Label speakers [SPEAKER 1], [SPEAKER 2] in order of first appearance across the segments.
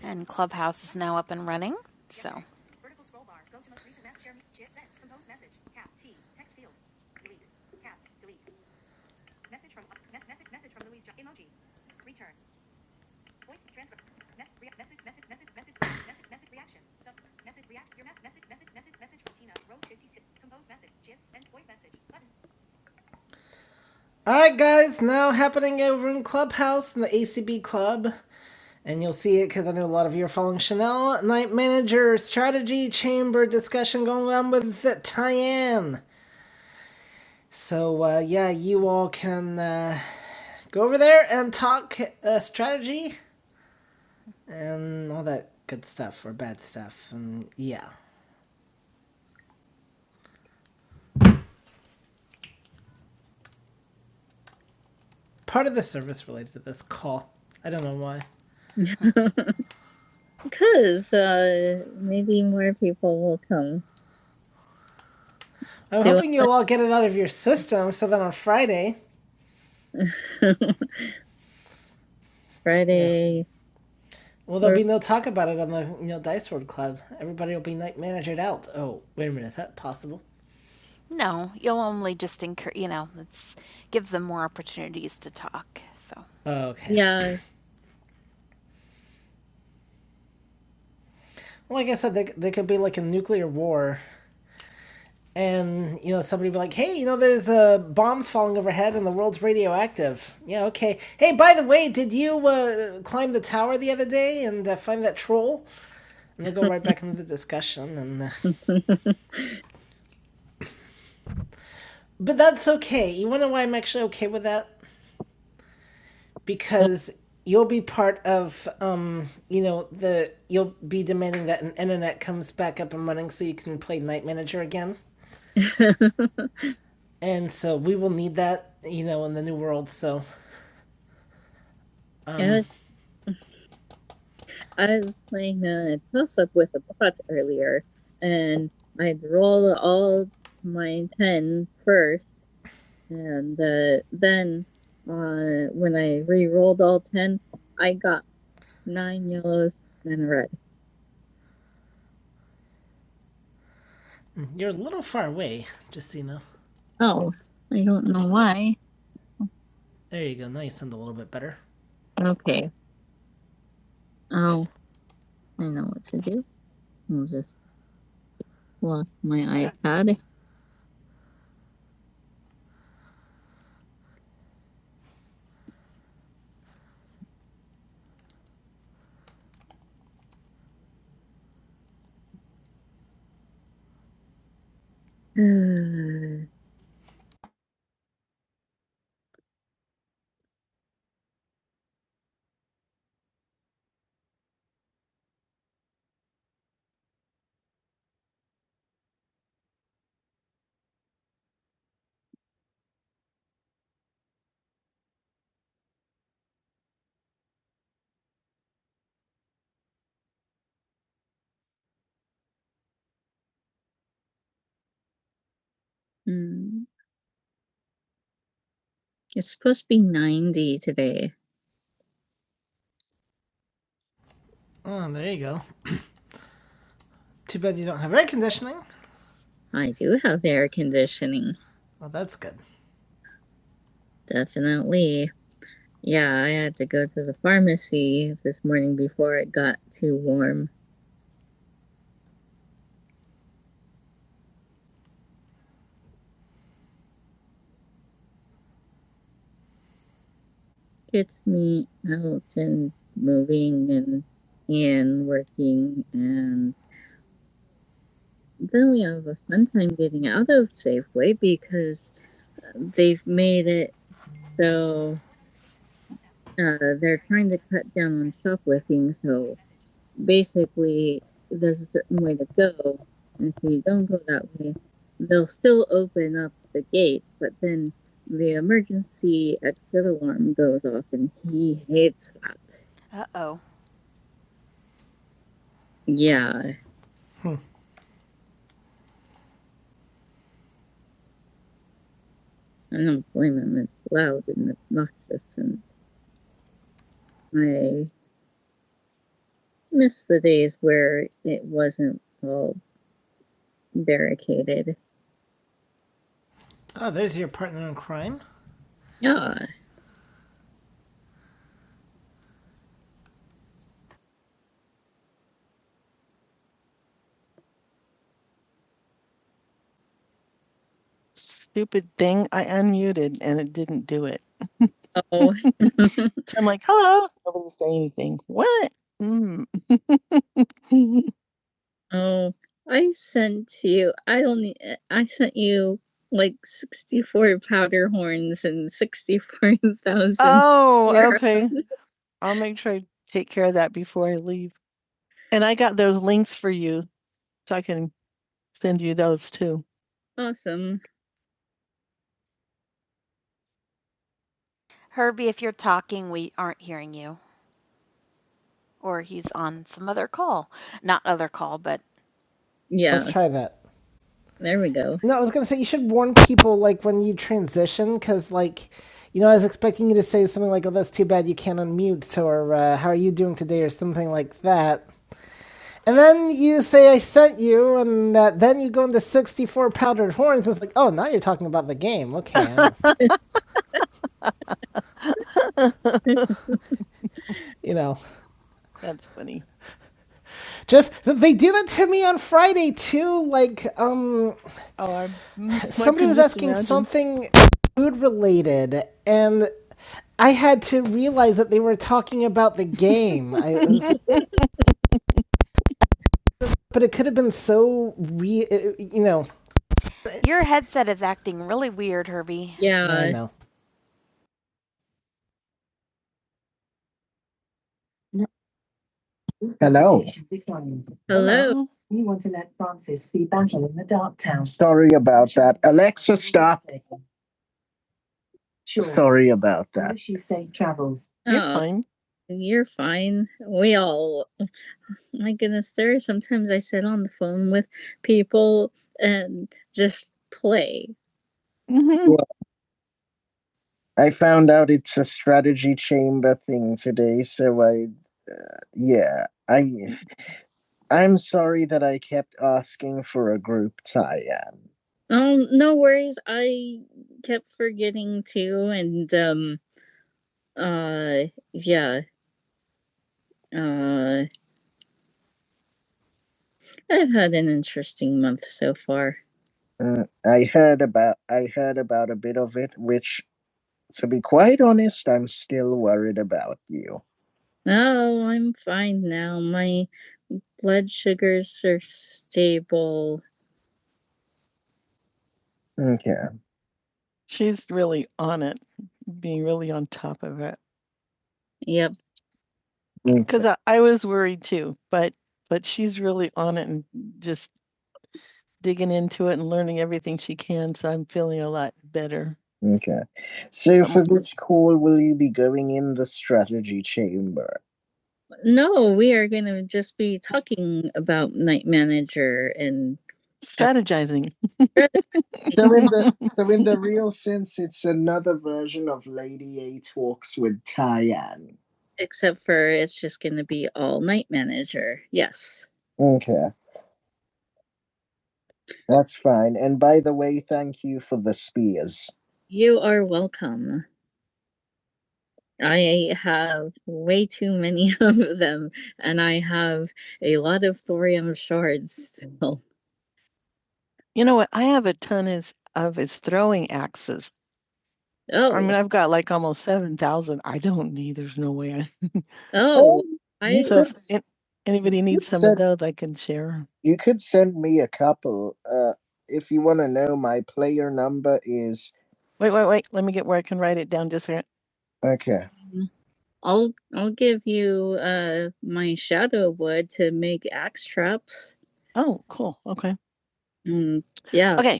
[SPEAKER 1] And Clubhouse is now up and running. So, Vertical scroll bar. Go to most recent message. Share. Send. Compose message. Cap. T. Text field. Delete. Cap. Delete. Message from. message. Message from Louise. emoji. Return. Voice transfer. message. Message. Message. Message. Message. Message. Reaction. message. React. Your message. Message. Message. Message from Tina. Rose 56. Compose message. GIFs and voice message. Button. All right, guys. Now happening over in Clubhouse in the ACB Club. and you'll see it because I know a lot of you are following Chanel Night Manager Strategy Chamber discussion going on with uh, Tyann. So uh, yeah, you all can uh, go over there and talk uh, strategy and all that good stuff or bad stuff. And yeah, part of the service related to this call. I don't know why. Because uh, maybe more people will come I'm hoping you'll all get it out of your system so that on Friday, yeah, Friday. Well, there'll or... be no talk about it on the you know Dice World Club. Everybody will be night managered out. Oh, wait a minute, is that possible? No, you'll only just encourage. You know, let's give them more opportunities to talk. So Okay. Yeah. Like I said, there, there could be like a nuclear war, and you know somebody be like, "Hey, you know, there's uh, bombs falling overhead, and the world's radioactive." Yeah, okay. Hey, by the way, did you uh, climb the tower the other day and uh, find that troll? And they go right back into the discussion, and uh, But that's okay. You want to know why I'm actually okay with that? Because you'll be part of, um, you know, the you'll be demanding that an internet comes back up and running so you can play Night Manager again. And so we will need that, you know, in the new world. So um, I was I was playing a toss up with a bot earlier, and I'd roll all my ten first, and uh, then uh, when I re-rolled all ten, I got nine yellows and a red. You're a little far away, just so you know. Oh, I don't know why. There you go. Now you sound a little bit better. Okay. Oh, I know what to do. I'll just lock my iPad. Hmm. it's supposed to be 90 today. Oh, there you go. Too bad you don't have air conditioning. I do have air conditioning. Well, that's good. Definitely. Yeah, I had to go to the pharmacy this morning before it got too warm. gets me out and moving and and working and then we have a fun time getting out of Safeway because they've made it so uh, they're trying to cut down on shoplifting. So basically, there's a certain way to go, and if you don't go that way, they'll still open up the gates, but then the emergency exit alarm goes off, and he hates that. Uh oh. Yeah, I don't blame him. It's loud and obnoxious, and I miss the days where it wasn't all barricaded. Oh, there's your partner in crime. Yeah. Stupid thing. I unmuted and it didn't do it. Oh. So I'm like, hello. Nobody's saying anything. What? Mm. Oh, I sent you I only eh, I sent you, like, 64 powder horns and 64,000 Oh, arrows. okay. I'll make sure I take care of that before I leave. And I got those links for you, so I can send you those too. Awesome. Herbie, if you're talking, we aren't hearing you, or he's on some other call. Not other call, but Yeah. Let's Yeah. try that. There we go. No, I was gonna say you should warn people like when you transition, because like, you know, I was expecting you to say something like, "Oh, that's too bad you can't unmute," or uh, "How are you doing today?" or something like that. And then you say, "I sent you," and uh, then you go into sixty-four powdered horns. It's like, oh, now you're talking about the game. Okay, you know, That's funny. just they did that to me on Friday too. Like, um, Oh, somebody was asking imagine? something food related and I had to realize that they were talking about the game. I was, but it could have been so re, uh, you know. Your headset is acting really weird, Herbie. I Yeah. I know. Hello. Hello. Hello. You want to let Francis see battle in the dark town. Sorry about that. Alexa, stop. Sure. Sorry about that. you are Oh, fine. You're fine. We all, my goodness, there are sometimes I sit on the phone with people and just play. hmm I found out it's a strategy chamber thing today, so I yeah. I I'm sorry that I kept asking for a group tie-in. Oh, no worries. I kept forgetting too, and um, uh, yeah. Uh, I've had an interesting month so far. Uh, I heard about I heard about a bit of it, which to be quite honest, I'm still worried about you. Oh, I'm fine now. My blood sugars are stable. Okay. She's really on it, being really on top of it. Yep. Because okay. I, I was worried too, but but she's really on it and just digging into it and learning everything she can. So I'm feeling a lot better. Okay. So for this call, will you be going in the strategy chamber? No, we are going to just be talking about night manager and Strategizing. So in the so in the real sense, it's another version of Lady A talks with Tyann. Except for it's just going to be all night manager. Yes. Okay, that's fine. And by the way, thank you for the spears. You are welcome. I have way too many of them, and I have a lot of thorium shards still. You know what I have a ton is of is throwing axes. Oh, I mean, I've got like almost seven thousand. I don't need, there's no way. I- oh, I, So if an- anybody needs some of those, I can share. you could send me a couple. Uh, if you want to know, my player number is Wait, wait, wait. Let me get where I can write it down just a second. okay. I'll I'll give you uh my shadow wood to make axe traps. Oh, cool. Okay. Mm, yeah. Okay.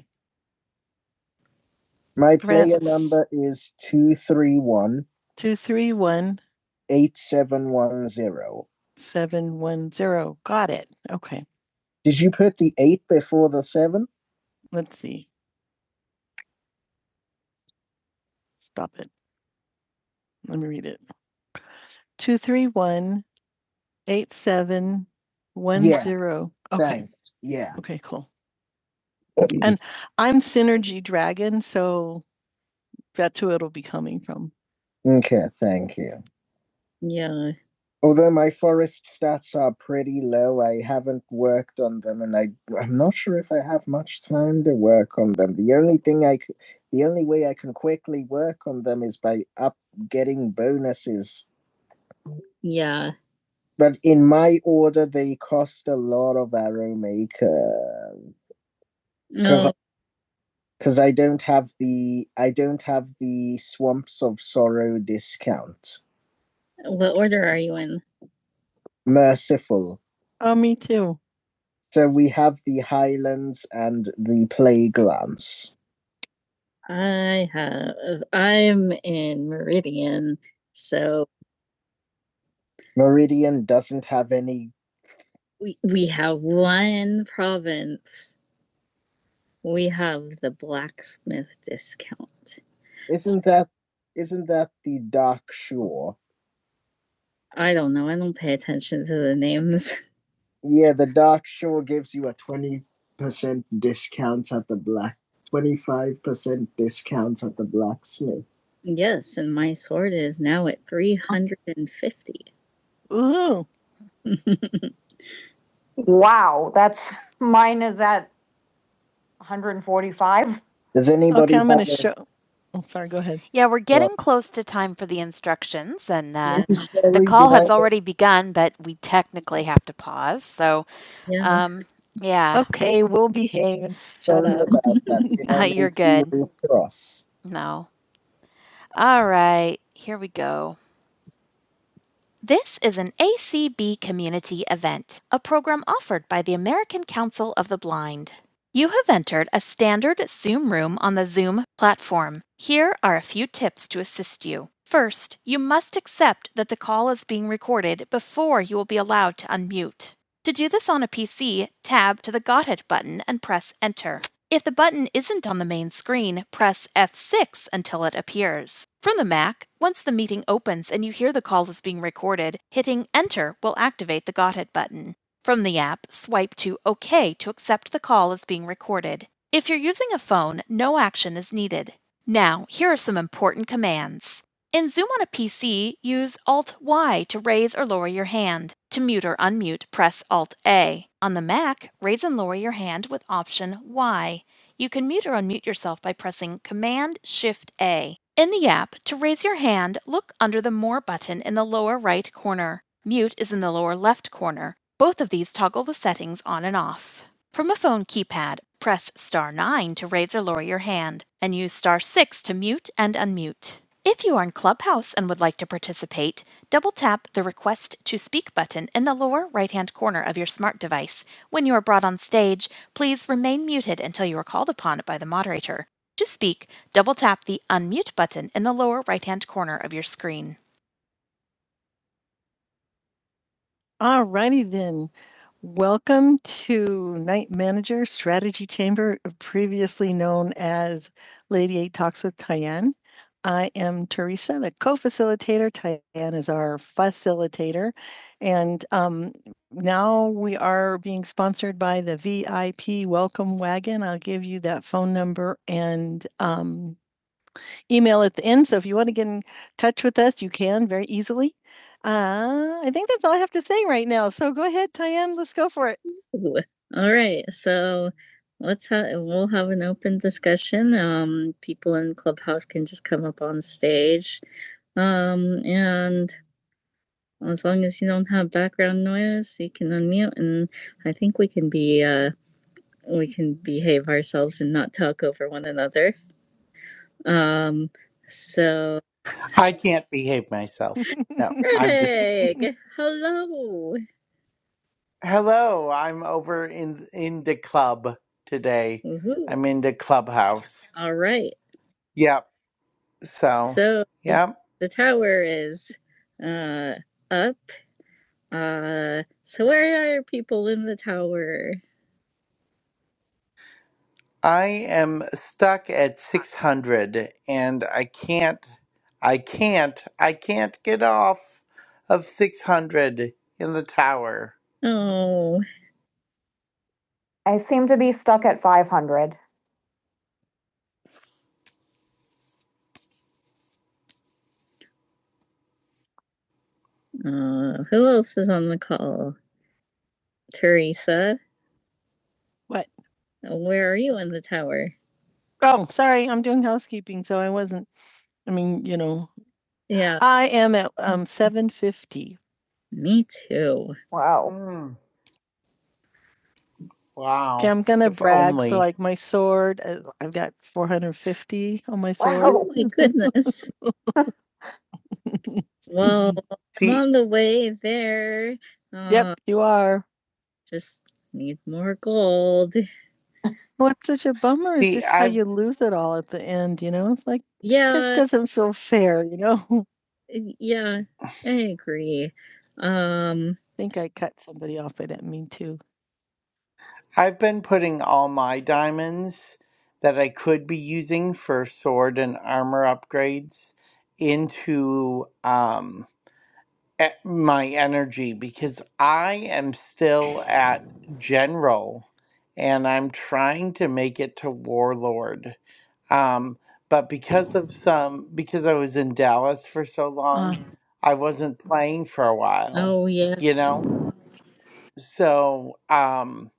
[SPEAKER 1] My player number is two three one Two, three, one, eight seven one zero. seven, one, zero. Got it. Okay, Did you put the eight before the seven? let's see. Stop it. Let me read it. Two three one eight seven one zero. Yeah. Okay, Thanks. Yeah. okay, cool. Okay. And I'm Synergy Dragon, so that's who it'll be coming from. Okay, thank you. Yeah. Although my forest stats are pretty low, I haven't worked on them, and I I'm not sure if I have much time to work on them. The only thing I c- the only way I can quickly work on them is by up getting bonuses. Yeah. But in my order, they cost a lot of arrow maker No. because I don't have the I don't have the swamps of sorrow discount. What order are you in? Merciful. Oh, me too. So we have the Highlands and the Plaguelance. I have. I'm in Meridian, so Meridian doesn't have any. we we have one province. We have the blacksmith discount. Isn't that? Isn't that the Dark Shore? I don't know. I don't pay attention to the names. Yeah, the dark show gives you a 20% discount at the black, 25% discount at the blacksmith. Yes, and my sword is now at 350. Ooh. Wow, that's mine is at 145. Does anybody Okay, I'm have gonna a- show. Oh, sorry, go ahead. Yeah, we're Yeah. getting Yeah. close to time for the instructions, and uh, Yeah, the we do call has that. already begun, but we technically have to pause. So, Yeah. um, yeah, Okay, we'll behave and shut Sorry up. about that. We have you're no good. rule for No. All right, here we go. This is an ACB community event, a program offered by the American Council of the Blind. You have entered a standard Zoom room on the Zoom platform. Here are a few tips to assist you. First, you must accept that the call is being recorded before you will be allowed to unmute. To do this on a PC, tab to the Got It button and press Enter. If the button isn't on the main screen, press F6 until it appears. From the Mac, once the meeting opens and you hear the call is being recorded, hitting Enter will activate the Got It button. From the app, swipe to OK to accept the call as being recorded. If you're using a phone, no action is needed. Now, here are some important commands. In Zoom on a PC, use Alt Y to raise or lower your hand. To mute or unmute, press Alt A. On the Mac, raise and lower your hand with Option Y. You can mute or unmute yourself by pressing Command Shift A. In the app, to raise your hand, look under the More button in the lower right corner. Mute is in the lower left corner. Both of these toggle the settings on and off. From a phone keypad, press star 9 to raise or lower your hand, and use star 6 to mute and unmute. If you are in Clubhouse and would like to participate, double tap the Request to Speak button in the lower right hand corner of your smart device. When you are brought on stage, please remain muted until you are called upon by the moderator. To speak, double tap the Unmute button in the lower right hand corner of your screen. All righty then. Welcome to Night Manager Strategy Chamber, previously known as Lady A Talks with Tyann. I am Teresa, the co-facilitator. Tyann is our facilitator. And um, now we are being sponsored by the VIP Welcome Wagon. I'll give you that phone number and um, email at the end. So if you want to get in touch with us, you can very easily. Uh, I think that's all I have to say right now. So go ahead, Tyann. Let's go for it. Ooh, All right, so let's have we'll have an open discussion. Um, people in Clubhouse can just come up on stage. Um, and as long as you don't have background noise, you can unmute, and I think we can be uh we can behave ourselves and not talk over one another. Um, so
[SPEAKER 2] I can't behave myself. No, I'm just kidding.
[SPEAKER 1] Greg, hello.
[SPEAKER 2] Hello, I'm over in in the club today.
[SPEAKER 1] Woohoo.
[SPEAKER 2] I'm in the clubhouse.
[SPEAKER 1] All right.
[SPEAKER 2] Yep. So,
[SPEAKER 1] So
[SPEAKER 2] yep.
[SPEAKER 1] the tower is uh up. Uh so where are people in the tower?
[SPEAKER 2] I am stuck at 600 and I can't I can't I can't get off of 600 in the tower.
[SPEAKER 1] Oh. I seem to be stuck at 500. Uh, who else is on the call? Teresa. What? Where are you in the tower? Oh, sorry, I'm doing housekeeping, so I wasn't. I mean, you know, Yeah, I am at um 750. me too. Wow.
[SPEAKER 2] Hmm.
[SPEAKER 1] Okay,
[SPEAKER 2] wow.
[SPEAKER 1] I'm gonna
[SPEAKER 2] If
[SPEAKER 1] brag. So
[SPEAKER 2] only.
[SPEAKER 1] like my sword, uh, I've got 450 on my sword. Wow. Oh my goodness. well, I'm
[SPEAKER 2] See
[SPEAKER 1] on the way there. Uh, Yep, you are. Just need more gold. What's such a bummer is
[SPEAKER 2] see
[SPEAKER 1] just how
[SPEAKER 2] I've
[SPEAKER 1] you lose it all at the end, you know? It's like Yeah. just Yeah, doesn't feel fair, you know? I y- yeah, I agree. Um, think I cut somebody off. I didn't mean to.
[SPEAKER 2] I've been putting all my diamonds that I could be using for sword and armor upgrades into um e- my energy because I am still at general and I'm trying to make it to warlord. Um but because of some because I was in Dallas for so long,
[SPEAKER 1] Uh,
[SPEAKER 2] I wasn't playing for a while,
[SPEAKER 1] oh yeah.
[SPEAKER 2] you know? So, um,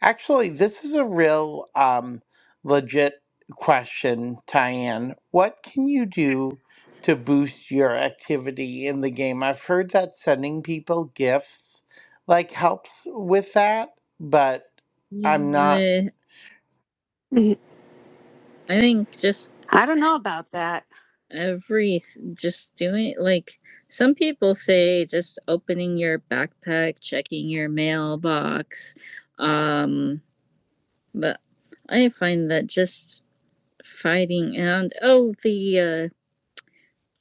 [SPEAKER 2] actually, this is a real um, legit question, Tyann. What can you do to boost your activity in the game? I've heard that sending people gifts like helps with that, but I'm not.
[SPEAKER 1] yeah,
[SPEAKER 3] I
[SPEAKER 1] I think just
[SPEAKER 3] don't know about that.
[SPEAKER 1] every just doing like some people say just opening your backpack checking your mailbox um but i find that just fighting and oh the uh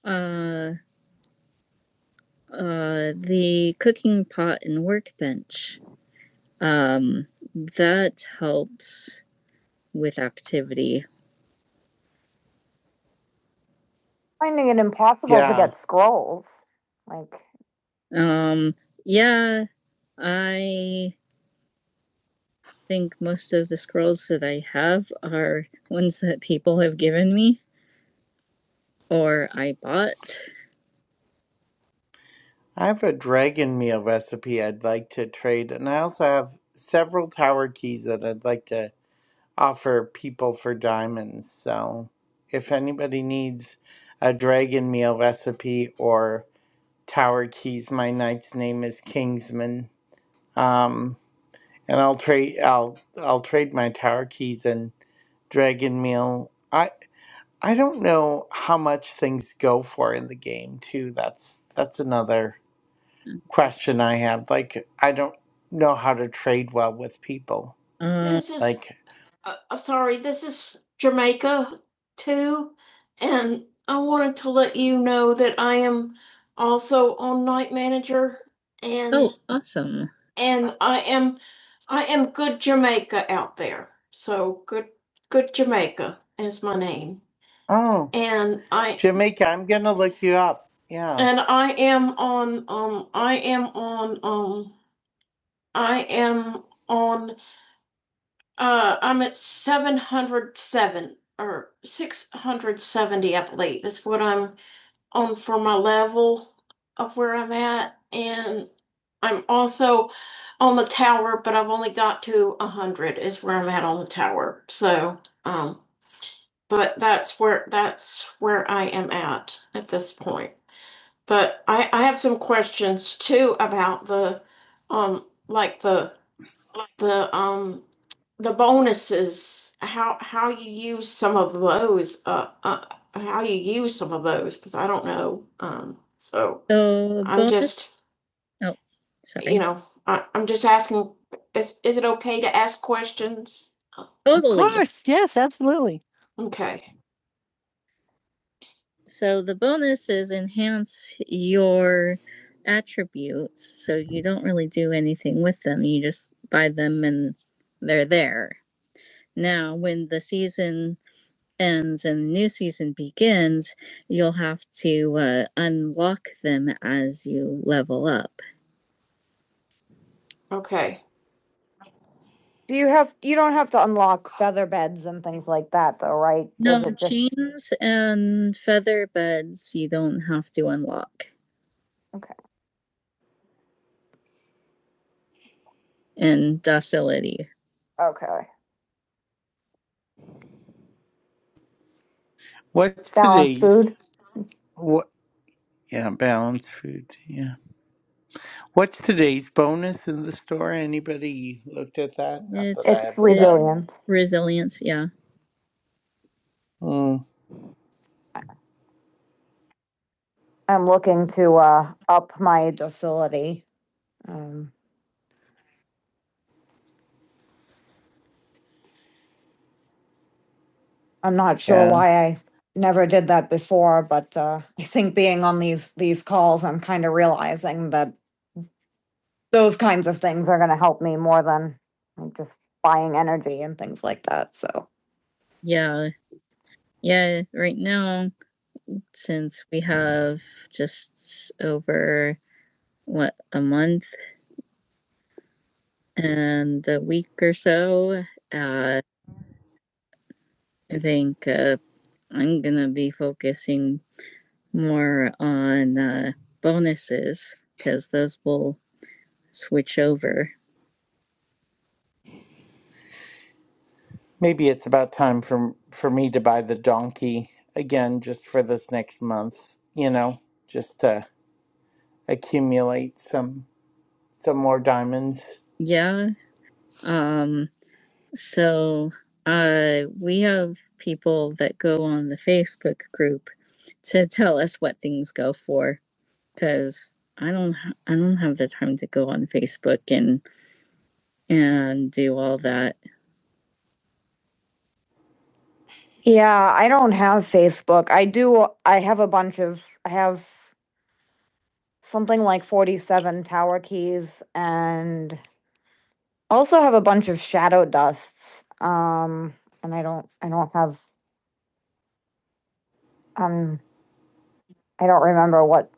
[SPEAKER 1] uh uh the cooking pot and workbench um that helps with activity Finding it impossible to
[SPEAKER 2] Yeah,
[SPEAKER 1] get scrolls. Like, um yeah i think most of the scrolls that I have are ones that people have given me or I bought.
[SPEAKER 2] I have a dragon meal recipe I'd like to trade, and I also have several tower keys that I'd like to offer people for diamonds. So if anybody needs a dragon meal recipe or tower keys, my knight's name is Kingsman. Um, and I'll trade I'll I'll trade my tower keys and dragon meal. I I don't know how much things go for in the game too. That's that's another question I have. Like I don't know how to trade well with people.
[SPEAKER 1] Uh, This is
[SPEAKER 2] Like,
[SPEAKER 1] uh, uh, Jamaica too, and I wanted to let you know that I am also on night manager, and oh, awesome. and I am I am good Jamaica out there. So good good Jamaica is my name,
[SPEAKER 2] oh,
[SPEAKER 1] and I
[SPEAKER 2] Jamaica, I'm gonna look you up. Yeah.
[SPEAKER 1] and I am on um I am on um I am on, uh, I'm at seven hundred or six hundred seventy, I believe, is what I'm on for my level of where I'm at. And I'm also on the tower, but I've only got to a hundred is where I'm at on the tower. So, um, but that's where, that's where I am at at this point. But I, I have some questions too about the, um, like how how you use some of those uh, uh how you use some of those because I don't know um so So I'm bonus. just Oh, sorry. you sorry. know I, I'm just asking is is it okay to ask questions totally. Of Totally. course, yes, absolutely. okay So the bonus is enhance your attributes. So you don't really do anything with them. You just buy them and they're there. Now, when the season ends and the new season begins, you'll have to uh, unlock them as you level up. Okay. Do you have you don't have to unlock feather beds and things like that though, right? No, just- chains and feather beds you don't have to unlock. Okay. And docility. Okay.
[SPEAKER 2] What's
[SPEAKER 1] Balanced
[SPEAKER 2] today's
[SPEAKER 1] food.
[SPEAKER 2] what? Yeah, balanced food. Yeah. What's today's bonus in the store? Anybody looked at that? Not
[SPEAKER 1] It's,
[SPEAKER 2] that I
[SPEAKER 1] It's
[SPEAKER 2] have the
[SPEAKER 1] resilience.
[SPEAKER 2] diamonds.
[SPEAKER 1] It, resilience, yeah.
[SPEAKER 2] Mm,
[SPEAKER 1] I'm looking to uh up my docility. Um I'm not sure
[SPEAKER 2] yeah.
[SPEAKER 1] why I never did that before, but uh, I think being on these these calls, I'm kind of realizing that those kinds of things are going to help me more than like, just buying energy and things like that. So Yeah, yeah, right now, since we have just over what a month and a week or so, uh, I think uh, I'm gonna be focusing more on uh, bonuses because those will switch over.
[SPEAKER 2] Maybe it's about time for for me to buy the donkey again, just for this next month. You know, just to accumulate some some more diamonds.
[SPEAKER 1] Yeah. Um, so uh, we have people that go on the Facebook group to tell us what things go for because I don't ha- I don't have the time to go on Facebook and and do all that. Yeah, I don't have Facebook. I do, I have a bunch of, I have something like 47 tower keys and also have a bunch of shadow dusts. Um, and I don't, I don't have, um, I don't remember what,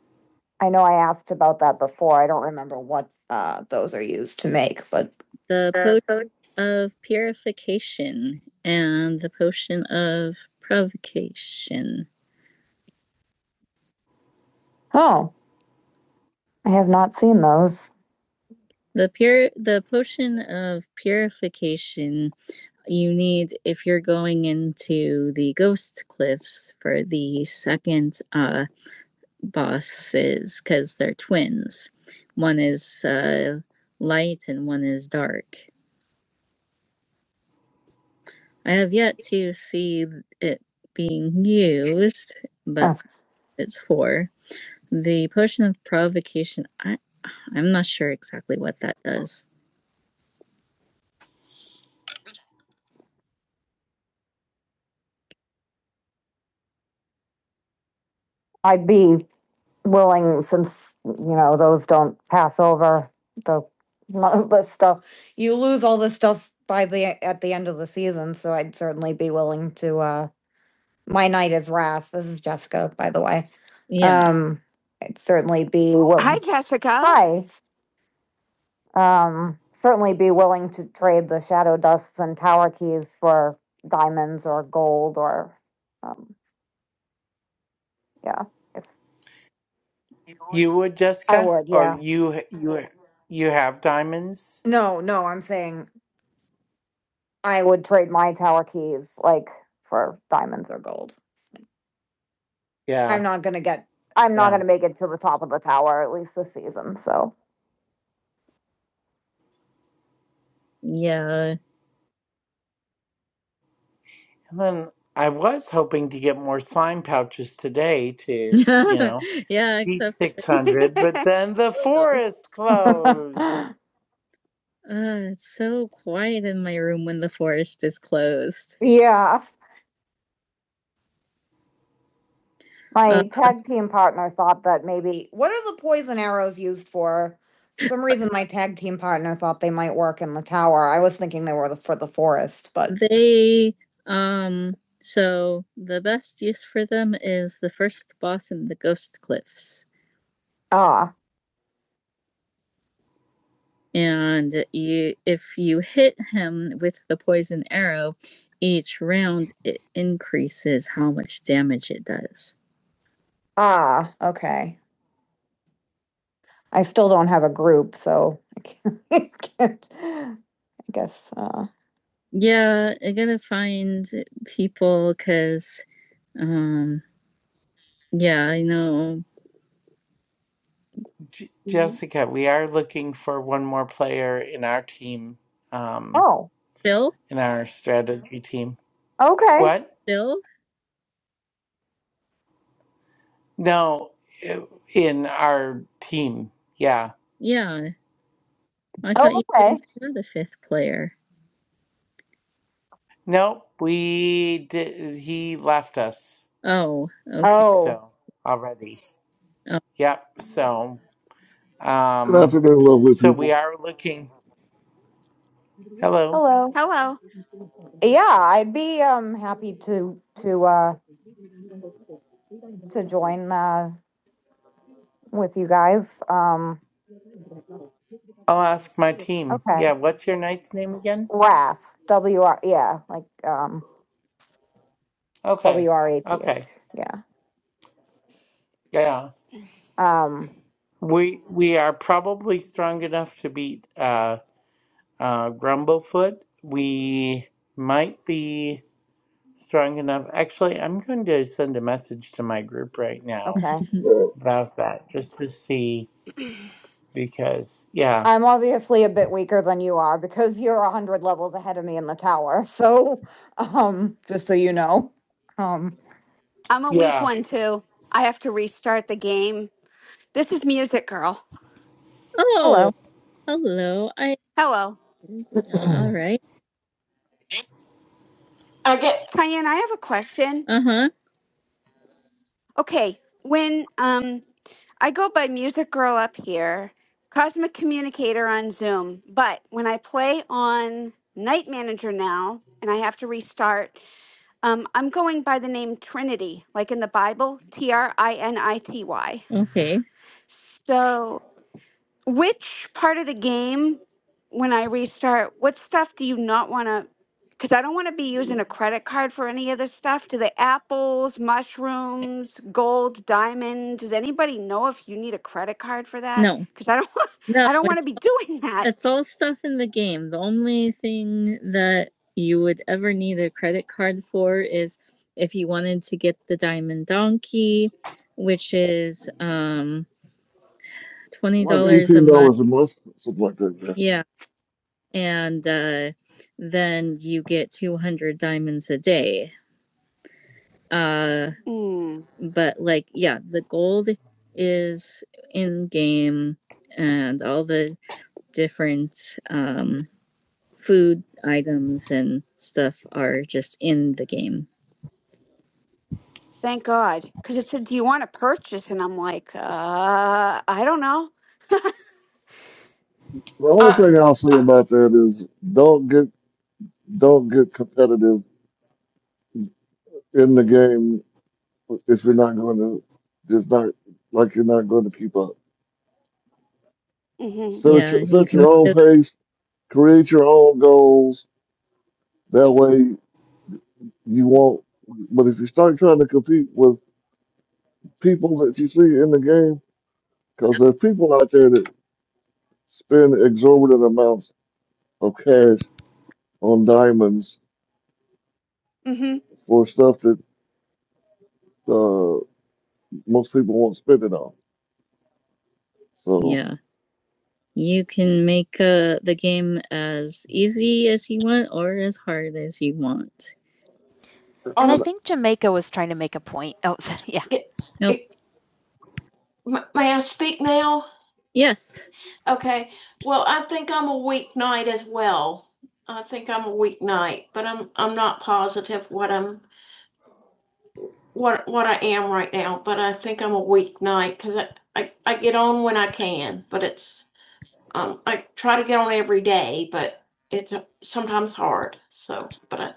[SPEAKER 1] I know I asked about that before. I don't remember what, uh, those are used to make, but the potion of purification and the potion of provocation. oh, I have not seen those. The pure the potion of purification you need if you're going into the ghost cliffs for the second uh bosses because they're twins one is uh light and one is dark i have yet to see it being used but Oh. it's for the potion of provocation i i'm not sure exactly what that does I'd be willing, since, you know, those don't pass over the, the stuff. You lose all this stuff by the, at the end of the season, so I'd certainly be willing to, uh, my night is wrath. This is Jessica, by the way. Yeah, Um, I'd certainly be
[SPEAKER 3] Hi,
[SPEAKER 1] willing.
[SPEAKER 3] Jessica.
[SPEAKER 1] hi, um, certainly be willing to trade the shadow dusts and tower keys for diamonds or gold or, um, yeah, if,
[SPEAKER 2] You would,
[SPEAKER 1] I
[SPEAKER 2] Jessica,
[SPEAKER 1] would,
[SPEAKER 2] or
[SPEAKER 1] yeah.
[SPEAKER 2] you you you have diamonds?
[SPEAKER 1] No, no, I'm saying I would trade my tower keys like for diamonds or gold.
[SPEAKER 2] Yeah.
[SPEAKER 1] I'm not gonna get. I'm not
[SPEAKER 2] Yeah.
[SPEAKER 1] gonna make it to the top of the tower at least this season. So Yeah.
[SPEAKER 2] And then I was hoping to get more slime pouches today to, you know,
[SPEAKER 1] yeah,
[SPEAKER 2] beat
[SPEAKER 1] except
[SPEAKER 2] 600, but then the
[SPEAKER 1] for those.
[SPEAKER 2] forest closed.
[SPEAKER 1] Uh, it's so quiet in my room when the forest is closed. Yeah. My Uh, tag team partner thought that maybe, what are the poison arrows used for? For some reason, my tag team partner thought they might work in the tower. I was thinking they were for the forest, but They um so the best use for them is the first boss in the Ghost Cliffs. ah, And you if you hit him with the poison arrow, each round it increases how much damage it does. ah, okay. I still don't have a group, so I can't, I can't- I guess, uh, Yeah, I gotta find people because, um, yeah, I know.
[SPEAKER 2] J- Jessica, we are looking for one more player in our team, um,
[SPEAKER 1] oh, Phil,
[SPEAKER 2] in our strategy team.
[SPEAKER 1] okay.
[SPEAKER 2] What?
[SPEAKER 1] Phil,
[SPEAKER 2] No, i- in our team. Yeah.
[SPEAKER 1] yeah. I thought you okay. guys were the fifth player.
[SPEAKER 2] Nope, we did. He left us.
[SPEAKER 1] Oh, okay. Oh,
[SPEAKER 2] So already.
[SPEAKER 1] Oh.
[SPEAKER 2] Yep. So,
[SPEAKER 4] Good
[SPEAKER 2] um,
[SPEAKER 4] afternoon, lovely
[SPEAKER 2] so we
[SPEAKER 4] people.
[SPEAKER 2] are looking. Hello.
[SPEAKER 1] hello.
[SPEAKER 3] Hello.
[SPEAKER 1] Yeah, I'd be, um, happy to, to, uh, to join, uh, with you guys. Um,
[SPEAKER 2] I'll ask my team.
[SPEAKER 1] okay.
[SPEAKER 2] Yeah, what's your knight's name again?
[SPEAKER 1] Wrath, W R, yeah, like, um,
[SPEAKER 2] Okay.
[SPEAKER 1] W R A T H,
[SPEAKER 2] Okay.
[SPEAKER 1] yeah.
[SPEAKER 2] Yeah.
[SPEAKER 1] Um,
[SPEAKER 2] We we are probably strong enough to beat uh uh Grumblefoot. We might be strong enough. Actually, I'm going to send a message to my group right now
[SPEAKER 1] okay.
[SPEAKER 4] Uh,
[SPEAKER 2] about that just to see because yeah.
[SPEAKER 1] I'm obviously a bit weaker than you are because you're a hundred levels ahead of me in the tower, so, um, just so you know. Um,
[SPEAKER 3] I'm a weak
[SPEAKER 2] Yeah.
[SPEAKER 3] one, too. I have to restart the game. This is Music Girl.
[SPEAKER 1] Oh, hello. Hello. I.
[SPEAKER 3] Hello.
[SPEAKER 1] All right. I
[SPEAKER 3] Tyann, I have a question.
[SPEAKER 1] Uh huh.
[SPEAKER 3] Okay, when um I go by Music Girl up here, Cosmic Communicator on Zoom, but when I play on Night Manager now and I have to restart, um, I'm going by the name Trinity, like in the Bible, T R I N I T Y.
[SPEAKER 1] Okay.
[SPEAKER 3] So Which part of the game, when I restart, what stuff do you not want to? Because I don't want to be using a credit card for any of this stuff. Do the apples, mushrooms, gold, diamond? Does anybody know if you need a credit card for that?
[SPEAKER 1] No,
[SPEAKER 3] Because I don't,
[SPEAKER 1] no.
[SPEAKER 3] I don't want to
[SPEAKER 1] It's
[SPEAKER 3] be doing that.
[SPEAKER 1] it's all stuff in the game. The only thing that you would ever need a credit card for is if you wanted to get the diamond donkey, which is um twenty
[SPEAKER 4] like
[SPEAKER 1] dollars a
[SPEAKER 4] eighteen
[SPEAKER 1] month.
[SPEAKER 4] dollars a month, something like that. Yeah.
[SPEAKER 1] Yeah, and uh, then you get two hundred diamonds a day. Uh,
[SPEAKER 3] Mm,
[SPEAKER 1] but like, yeah, the gold is in game, and all the different um, food items and stuff are just in the game.
[SPEAKER 3] thank God. Because it said, "Do you want to purchase?" And I'm like, uh, I don't know.
[SPEAKER 4] The only thing I'll say about that is don't get don't get competitive in the game if you're not going to just not like you're not going to keep up.
[SPEAKER 3] Mm-hmm.
[SPEAKER 4] Set
[SPEAKER 1] Yeah,
[SPEAKER 4] your,
[SPEAKER 1] you
[SPEAKER 4] set
[SPEAKER 1] can.
[SPEAKER 4] your
[SPEAKER 1] Make
[SPEAKER 4] own
[SPEAKER 1] those-
[SPEAKER 4] pace, create your own goals. That way you won't. But if you start trying to compete with people that you see in the game, because there's people out there that spend exorbitant amounts of cash on diamonds
[SPEAKER 3] Mm-hmm.
[SPEAKER 4] for stuff that uh, most people won't spend it on. So,
[SPEAKER 1] yeah. You can make uh, the game as easy as you want or as hard as you want. And um, I Um,
[SPEAKER 4] and
[SPEAKER 1] think Jamaica was trying to make a point. Oh, yeah. It, Nope. m- may I speak now? Yes. Okay, well, I think I'm a weeknight as well. I think I'm a weeknight, but I'm I'm not positive what I'm what what I am right now, but I think I'm a weeknight because I, I I get on when I can, but it's um I try to get on every day. It's hard, but I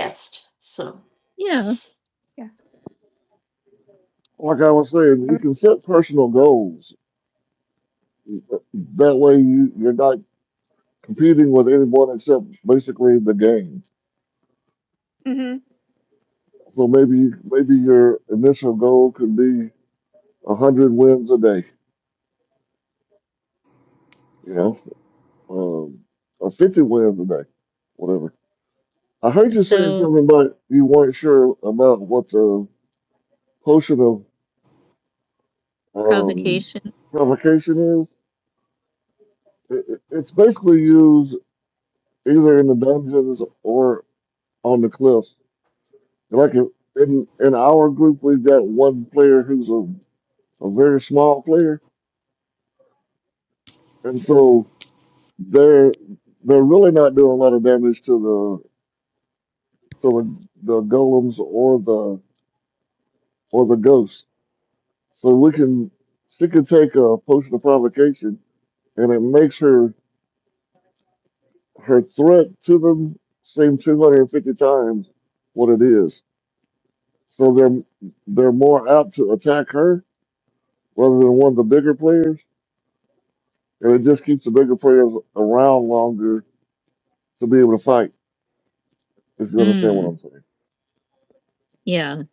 [SPEAKER 1] past. So Yeah.
[SPEAKER 4] like I was saying, you
[SPEAKER 1] Um,
[SPEAKER 4] can set personal goals. That way, you you're not competing with anyone except basically the game.
[SPEAKER 3] Mm-hmm.
[SPEAKER 4] So maybe maybe your initial goal could be a hundred wins a day. You know, um, or fifty wins a day, whatever. I heard you saying
[SPEAKER 1] So
[SPEAKER 4] something about you weren't sure about what the potion of um,
[SPEAKER 1] provocation.
[SPEAKER 4] provocation is. It, it- it's basically used either in the dungeons or on the cliffs. Like in in in our group, we've got one player who's a, a very small player, and so they're they're really not doing a lot of damage to the to the, the golems or the or the ghosts. So we can she can take a potion of provocation, and it makes her her threat to them seem 250 times what it is. So they're they're more apt to attack her rather than one of the bigger players, and it just keeps the bigger players around longer to be able to fight. If you understand what
[SPEAKER 1] Mm,
[SPEAKER 4] I'm saying,
[SPEAKER 1] yeah.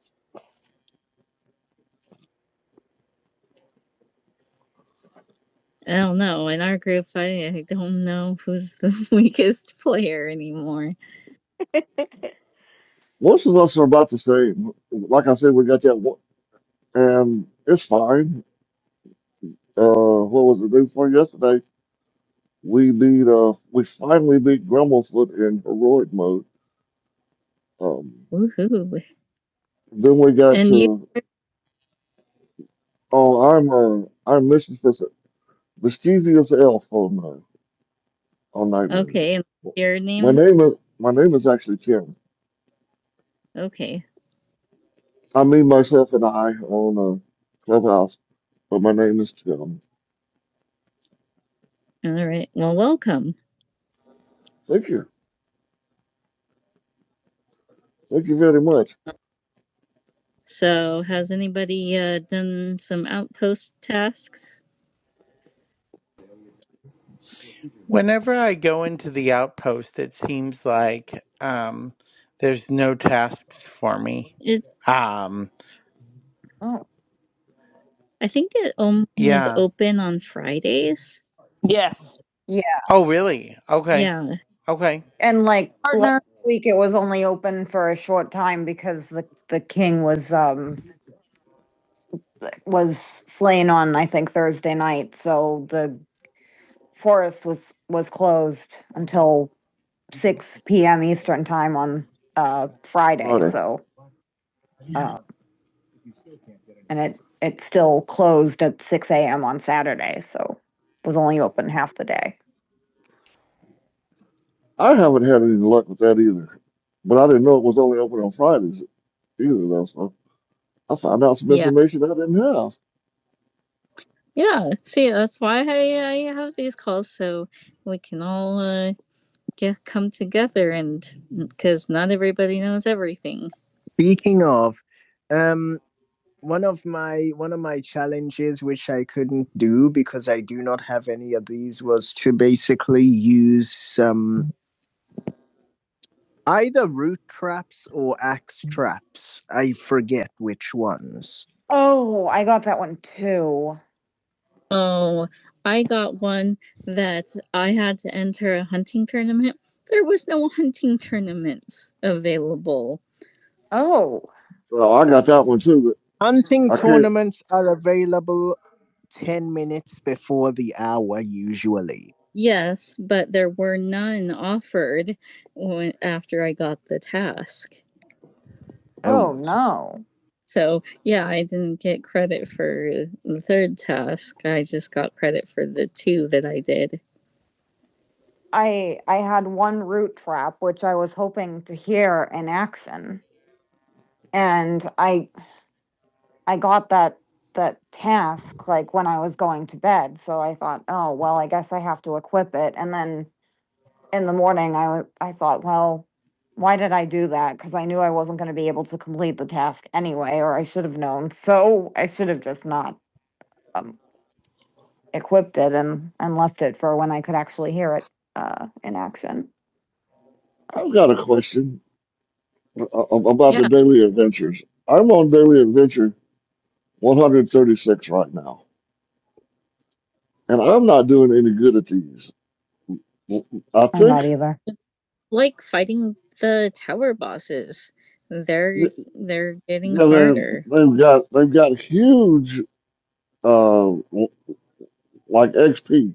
[SPEAKER 1] I don't know. In our group fight, I don't know who's the weakest player anymore.
[SPEAKER 4] most of us are about the same. Like I said, we got that, one, and it's fine. Uh, what was it day before yesterday? We beat uh, we finally beat Grumblefoot in heroic mode. Um,
[SPEAKER 1] Woohoo.
[SPEAKER 4] then we got
[SPEAKER 1] And you
[SPEAKER 4] to oh, I'm uh, I'm Mrs. Mis- mischievous elf. oh, no. on Night Manager.
[SPEAKER 1] okay, and your
[SPEAKER 4] My
[SPEAKER 1] name?
[SPEAKER 4] name is my name is actually Tim.
[SPEAKER 1] Okay.
[SPEAKER 4] I mean myself and I own a clubhouse, but my name is Tim.
[SPEAKER 1] All right. Well, welcome.
[SPEAKER 4] Thank you. Thank you very much,
[SPEAKER 1] So has anybody uh, done some outpost tasks?
[SPEAKER 2] Whenever I go into the outpost, it seems like um, there's no tasks for me.
[SPEAKER 1] It's
[SPEAKER 2] Um,
[SPEAKER 1] Oh, I think it only is
[SPEAKER 2] Yeah.
[SPEAKER 1] open on Fridays. Yeah.
[SPEAKER 2] Oh, really? Okay.
[SPEAKER 1] Yeah.
[SPEAKER 2] Okay.
[SPEAKER 1] And like Partner. last week, it was only open for a short time because the, the king was, um, was slain on, I think, Thursday night. So the forest was, was closed until six PM Eastern time on, uh, Friday.
[SPEAKER 4] Friday.
[SPEAKER 1] So, Yeah. uh, and it, it still closed at six AM on Saturday. So it was only open half the day.
[SPEAKER 4] I haven't had any luck with that either. But I didn't know it was only open on Fridays either though, so I found out some
[SPEAKER 1] Yeah,
[SPEAKER 4] information I didn't have.
[SPEAKER 1] yeah. See, that's why I, I have these calls so we can all uh, get come together and because not everybody knows everything. Speaking of, um, one of my one of my challenges which I couldn't do because I do not have any of these was to basically use um either root traps or axe traps. I forget which ones. Oh, I got that one too. Oh, I got one that I had to enter a hunting tournament. There was no hunting tournaments available. Oh,
[SPEAKER 4] So I got that one too,
[SPEAKER 1] Hunting
[SPEAKER 4] but I can't
[SPEAKER 1] tournaments are available 10 minutes before the hour, usually. Yes, but there were none offered when, after I got the task. oh no. So, yeah, I didn't get credit for the third task. I just got credit for the two that I did. I I had one root trap, which I was hoping to hear in action, and I I got that that task like when I was going to bed. So I thought, oh well, I guess I have to equip it. And then in the morning, I wa- I thought, well, why did I do that? Because I knew I wasn't going to be able to complete the task anyway, or I should have known. So I should have just not um, equipped it and and left it for when I could actually hear it uh, in action. Uh,
[SPEAKER 4] I've got a question a- a- about the
[SPEAKER 1] Yeah.
[SPEAKER 4] daily adventures. I'm on daily adventure one hundred thirty six right now. And I'm not doing any good at these. I
[SPEAKER 1] I'm
[SPEAKER 4] think
[SPEAKER 1] not either. like fighting the tower bosses. They're
[SPEAKER 4] th-
[SPEAKER 1] they're getting
[SPEAKER 4] yeah, they
[SPEAKER 1] harder.
[SPEAKER 4] they've got they've got huge uh, like XP.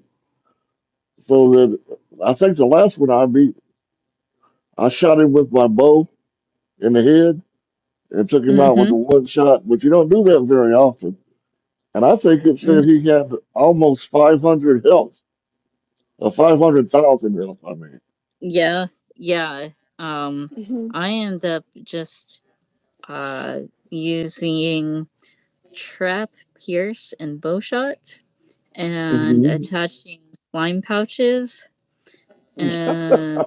[SPEAKER 4] So that I think the last one I beat, I shot him with my bow in the head and took him out with
[SPEAKER 1] Mm-hmm.
[SPEAKER 4] the one shot. But you don't do that very often. And I think it said he had almost 500 health, or 500,000 health. I mean,
[SPEAKER 1] Yeah, yeah. Um,
[SPEAKER 3] Mm-hmm.
[SPEAKER 1] I end up just uh using trap, pierce, and bowshot, and
[SPEAKER 4] hmm
[SPEAKER 1] attaching slime pouches and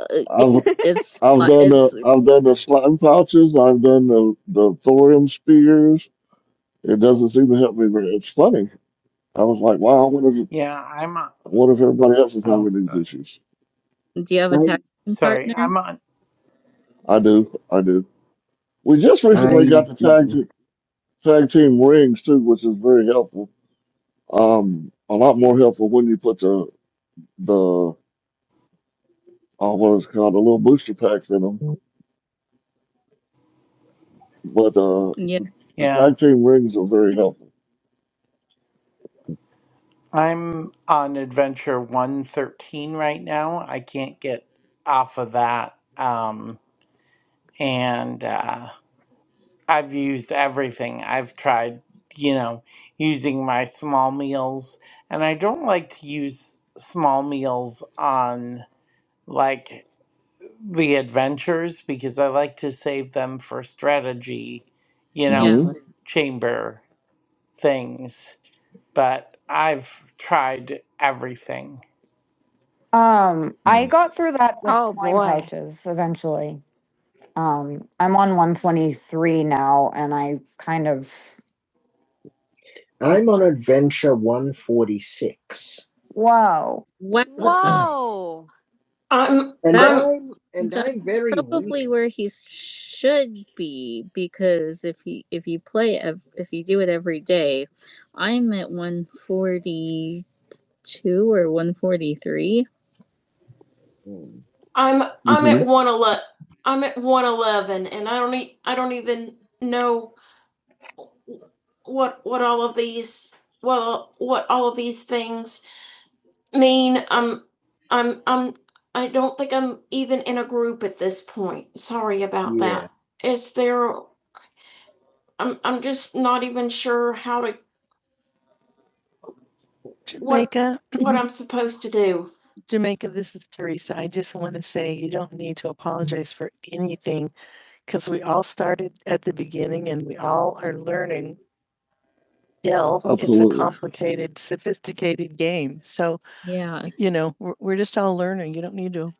[SPEAKER 1] uh, it-
[SPEAKER 4] I've
[SPEAKER 1] it's
[SPEAKER 4] I've
[SPEAKER 1] li-
[SPEAKER 4] done
[SPEAKER 1] it's
[SPEAKER 4] the I've done the slime pouches. I've done the the thorium spears. It doesn't seem to help me. But it's funny I was like, wow, I wonder if,
[SPEAKER 2] Yeah, I'm on.
[SPEAKER 4] I wonder if everybody else is
[SPEAKER 2] Oh,
[SPEAKER 4] having these
[SPEAKER 2] sorry.
[SPEAKER 4] issues.
[SPEAKER 1] do you have a I, texting
[SPEAKER 2] Sorry. I'm
[SPEAKER 1] partner
[SPEAKER 2] on.
[SPEAKER 4] I do, I do. We just recently
[SPEAKER 1] I
[SPEAKER 4] got the tag te- tag team rings too, which is very helpful. Um, a lot more helpful when you put the the uh, what is it called the little booster packs in them. But uh,
[SPEAKER 1] yeah
[SPEAKER 4] the
[SPEAKER 2] Yeah.
[SPEAKER 4] tag team rings are very helpful.
[SPEAKER 2] I'm on adventure 113 right now. I can't get off of that. Um, and uh, I've used everything. I've tried, you know, using my small meals, and I don't like to use small meals on like. the adventures because I like to save them for strategy, you know,
[SPEAKER 4] hmm
[SPEAKER 1] yeah
[SPEAKER 2] chamber things. But I've tried everything.
[SPEAKER 1] Um, I Mm. got through that with
[SPEAKER 3] Oh
[SPEAKER 1] slime
[SPEAKER 3] boy.
[SPEAKER 1] pouches eventually. Um, I'm on 123 now, and I kind of I'm on adventure 146. whoa. wow
[SPEAKER 3] Whoa.
[SPEAKER 1] I'm, And I'm I'm, and that's I'm very weak. probably weak. where he should be because if he if you play ev- if you do it every day i'm at 142 or 143 I'm I'm
[SPEAKER 4] hmm
[SPEAKER 1] at one eleven. I'm at one eleven, and I don't e- I don't even know what what all of these well what all of these things mean, I'm, I'm, I'm, I don't think I'm even in a group at this point. Sorry about Yeah. that. Is there, I'm, I'm just not even sure how to, What- Jamaica, what I'm supposed to do. Jamaica, this is Teresa. I just want to say you don't need to apologize for anything because we all started at the beginning and we all are learning. Dell, it's a
[SPEAKER 4] Absolutely.
[SPEAKER 1] complicated, sophisticated game. So, Yeah. you know, we're, we're just all learning. You don't need to,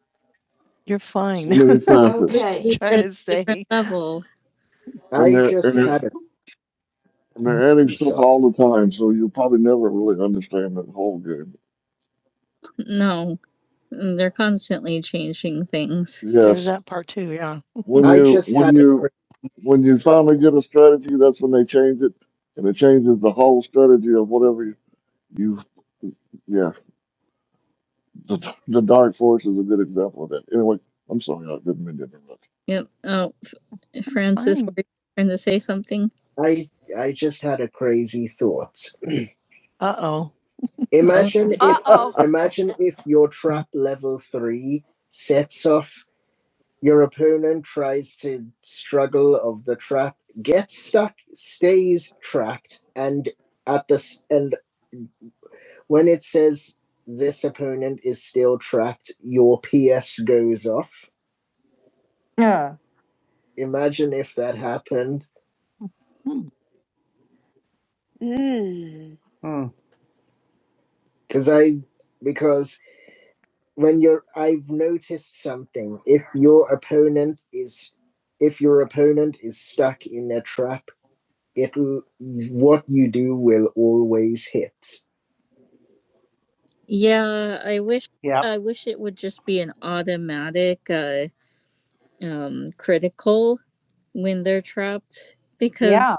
[SPEAKER 1] you're fine.
[SPEAKER 4] So many facets,
[SPEAKER 1] i trying to say. level.
[SPEAKER 4] and
[SPEAKER 1] I
[SPEAKER 4] they're
[SPEAKER 1] just
[SPEAKER 4] and
[SPEAKER 1] Okay.
[SPEAKER 4] they're
[SPEAKER 1] had a
[SPEAKER 4] and they're adding
[SPEAKER 1] theme
[SPEAKER 4] stuff
[SPEAKER 1] song.
[SPEAKER 4] all the time, so you'll probably never really understand that whole game.
[SPEAKER 1] No, they're constantly changing things. There's
[SPEAKER 4] Yes.
[SPEAKER 1] that part too, yeah.
[SPEAKER 4] When
[SPEAKER 1] I
[SPEAKER 4] you
[SPEAKER 1] just
[SPEAKER 4] when
[SPEAKER 1] had a
[SPEAKER 4] you when you finally get a strategy, that's when they change it, and it changes the whole strategy of whatever you. you yeah, the, the dark force is a good example of that. Anyway, I'm sorry, I didn't mean to
[SPEAKER 1] Yep. Oh, Francis, were you trying to say something? I I just had a crazy thought. Uh oh. Imagine
[SPEAKER 3] Uh
[SPEAKER 1] if
[SPEAKER 3] oh.
[SPEAKER 4] interrupt.
[SPEAKER 1] imagine if your trap level three sets off Your opponent tries to struggle of the trap, gets stuck, stays trapped, and at this and when it says this opponent is still trapped, your PS goes off. Yeah. Imagine if that happened. Hmm.
[SPEAKER 3] Mm.
[SPEAKER 2] Mm,
[SPEAKER 1] Because I because when you're I've noticed something. If your opponent is if your opponent is stuck in a trap, it'll what you do will always hit. Yeah, I wish
[SPEAKER 2] yep.
[SPEAKER 1] I wish it would just be an automatic uh um critical when they're trapped because Yeah,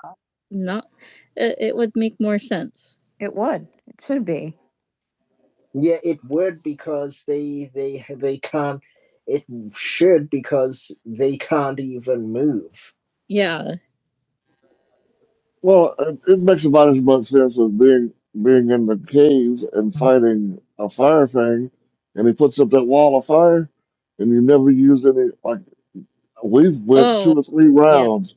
[SPEAKER 1] not it, it would make more sense. it would. It should be. Yeah, it would because they they they can't. It should because they can't even move. Yeah.
[SPEAKER 4] well, it, it makes about as much sense as being being in the cave and fighting a fire thing, and he puts up that wall of fire, and you never use any. Like we've went
[SPEAKER 1] Oh,
[SPEAKER 4] two or three
[SPEAKER 1] yeah.
[SPEAKER 4] rounds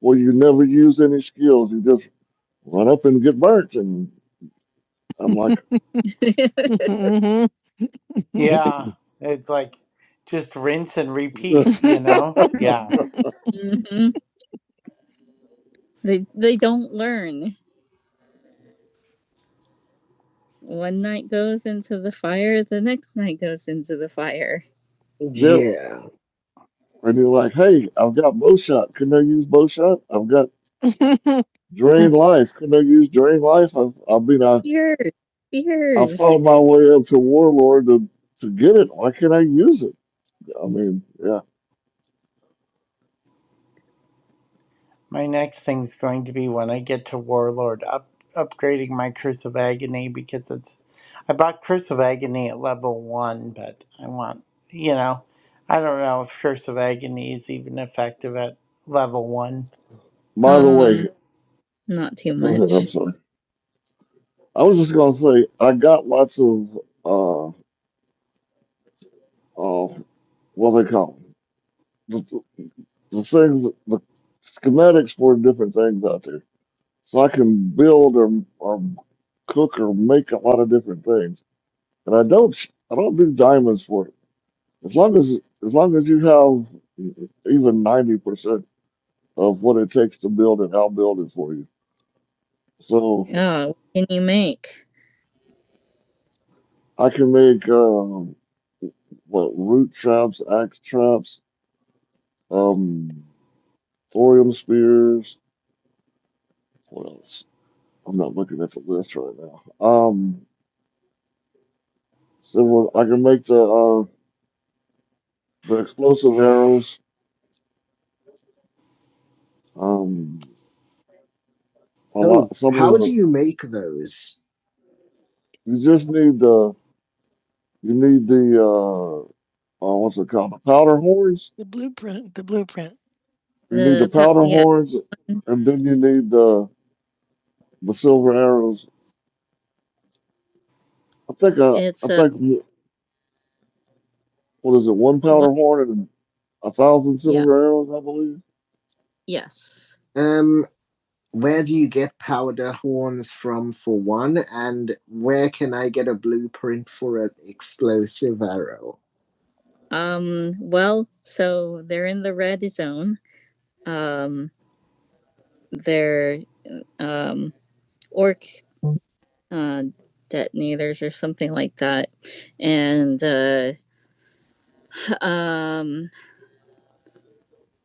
[SPEAKER 4] where you never use any skills. You just run up and get burnt. And I'm like,
[SPEAKER 2] Yeah. It's like just rinse and repeat, you know? Yeah.
[SPEAKER 1] Mhm. hmm They they don't learn. one night goes into the fire, the next night goes into the fire.
[SPEAKER 4] yep.
[SPEAKER 1] Yeah.
[SPEAKER 4] And he's like, hey, I've got bow shot. Couldn't I use bow shot? I've got drain life. Couldn't I use drain life? I've, I mean, I,
[SPEAKER 1] Beers,
[SPEAKER 4] I
[SPEAKER 1] beers.
[SPEAKER 4] fought my way up to Warlord to, to get it. Why can't I use it? I mean, yeah.
[SPEAKER 2] My next thing's going to be when I get to Warlord, up upgrading my Curse of Agony because it's I bought Curse of Agony at level one, but I want you know I don't know if Curse of Agony is even effective at level one.
[SPEAKER 4] By the
[SPEAKER 1] Um,
[SPEAKER 4] way,
[SPEAKER 1] not too
[SPEAKER 4] go ahead. I'm
[SPEAKER 1] much.
[SPEAKER 4] sorry. I was just going to say, I got lots of, uh, uh, what they call 'em? The, the things, the schematics for different things out there So I can build or, or cook or make a lot of different things. And I don't I don't do diamonds for it. As long as as long as you have even ninety percent of what it takes to build it, I'll build it for you. So
[SPEAKER 1] Oh, what can you make?
[SPEAKER 4] I can make um, what root traps, axe traps, um, thorium spears. What else? I'm not looking at the list right now. Um, several, I can make the uh, the explosive arrows. Um, A
[SPEAKER 1] Oh,
[SPEAKER 4] lot. Some of
[SPEAKER 1] how do
[SPEAKER 4] the
[SPEAKER 1] you make those?
[SPEAKER 4] you just need the you need the uh, uh what's it called the powder horns.
[SPEAKER 1] The blueprint, the blueprint.
[SPEAKER 4] You need the
[SPEAKER 1] The pa-
[SPEAKER 4] powder
[SPEAKER 1] yeah,
[SPEAKER 4] horns, and then you need the the silver arrows. I think uh,
[SPEAKER 1] it's
[SPEAKER 4] I
[SPEAKER 1] a
[SPEAKER 4] think what is it? One
[SPEAKER 1] one.
[SPEAKER 4] powder horn and a thousand
[SPEAKER 1] Yeah,
[SPEAKER 4] silver arrows, I believe.
[SPEAKER 1] yes. Um, where do you get powder horns from for one, and where can I get a blueprint for an explosive arrow? Um, well, so they're in the red zone. Um, they're um, orc uh, detonators or something like that. And uh, um,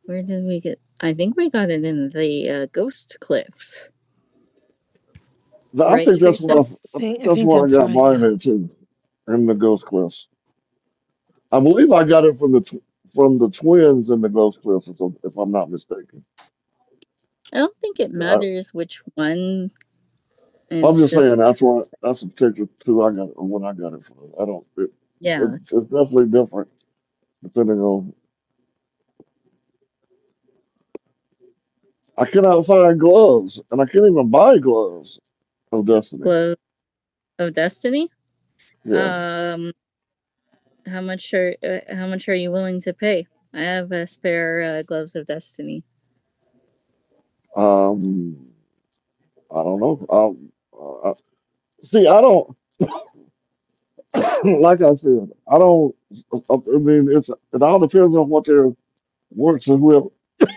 [SPEAKER 1] where did we get? I think we got it in the uh, Ghost Cliffs,
[SPEAKER 4] Th- I
[SPEAKER 1] right,
[SPEAKER 4] think that's
[SPEAKER 1] Teresa?
[SPEAKER 4] what
[SPEAKER 1] I
[SPEAKER 4] I, I think
[SPEAKER 1] think I
[SPEAKER 4] that's
[SPEAKER 1] think
[SPEAKER 4] what I
[SPEAKER 1] that's
[SPEAKER 4] got
[SPEAKER 1] right.
[SPEAKER 4] mine
[SPEAKER 1] Yeah.
[SPEAKER 4] at too, in the Ghost Cliffs. I believe I got it from the tw- from the twins in the Ghost Cliffs, if I'm if I'm not mistaken.
[SPEAKER 1] I don't think it matters which one.
[SPEAKER 4] I'm
[SPEAKER 1] It's
[SPEAKER 4] just saying
[SPEAKER 1] just
[SPEAKER 4] that's what that's the particular two I got or when I got it from. I don't. It, it,
[SPEAKER 1] yeah,
[SPEAKER 4] it's definitely different depending on. I cannot find gloves, and I can't even buy gloves of Destiny.
[SPEAKER 1] glow of destiny.
[SPEAKER 4] Yeah.
[SPEAKER 1] Um, How much are uh, how much are you willing to pay? I have a spare uh, gloves of destiny.
[SPEAKER 4] Um. I don't know. Um. I, see, I don't. like I said, I don't. I I mean, it's it all depends on what their works and whoever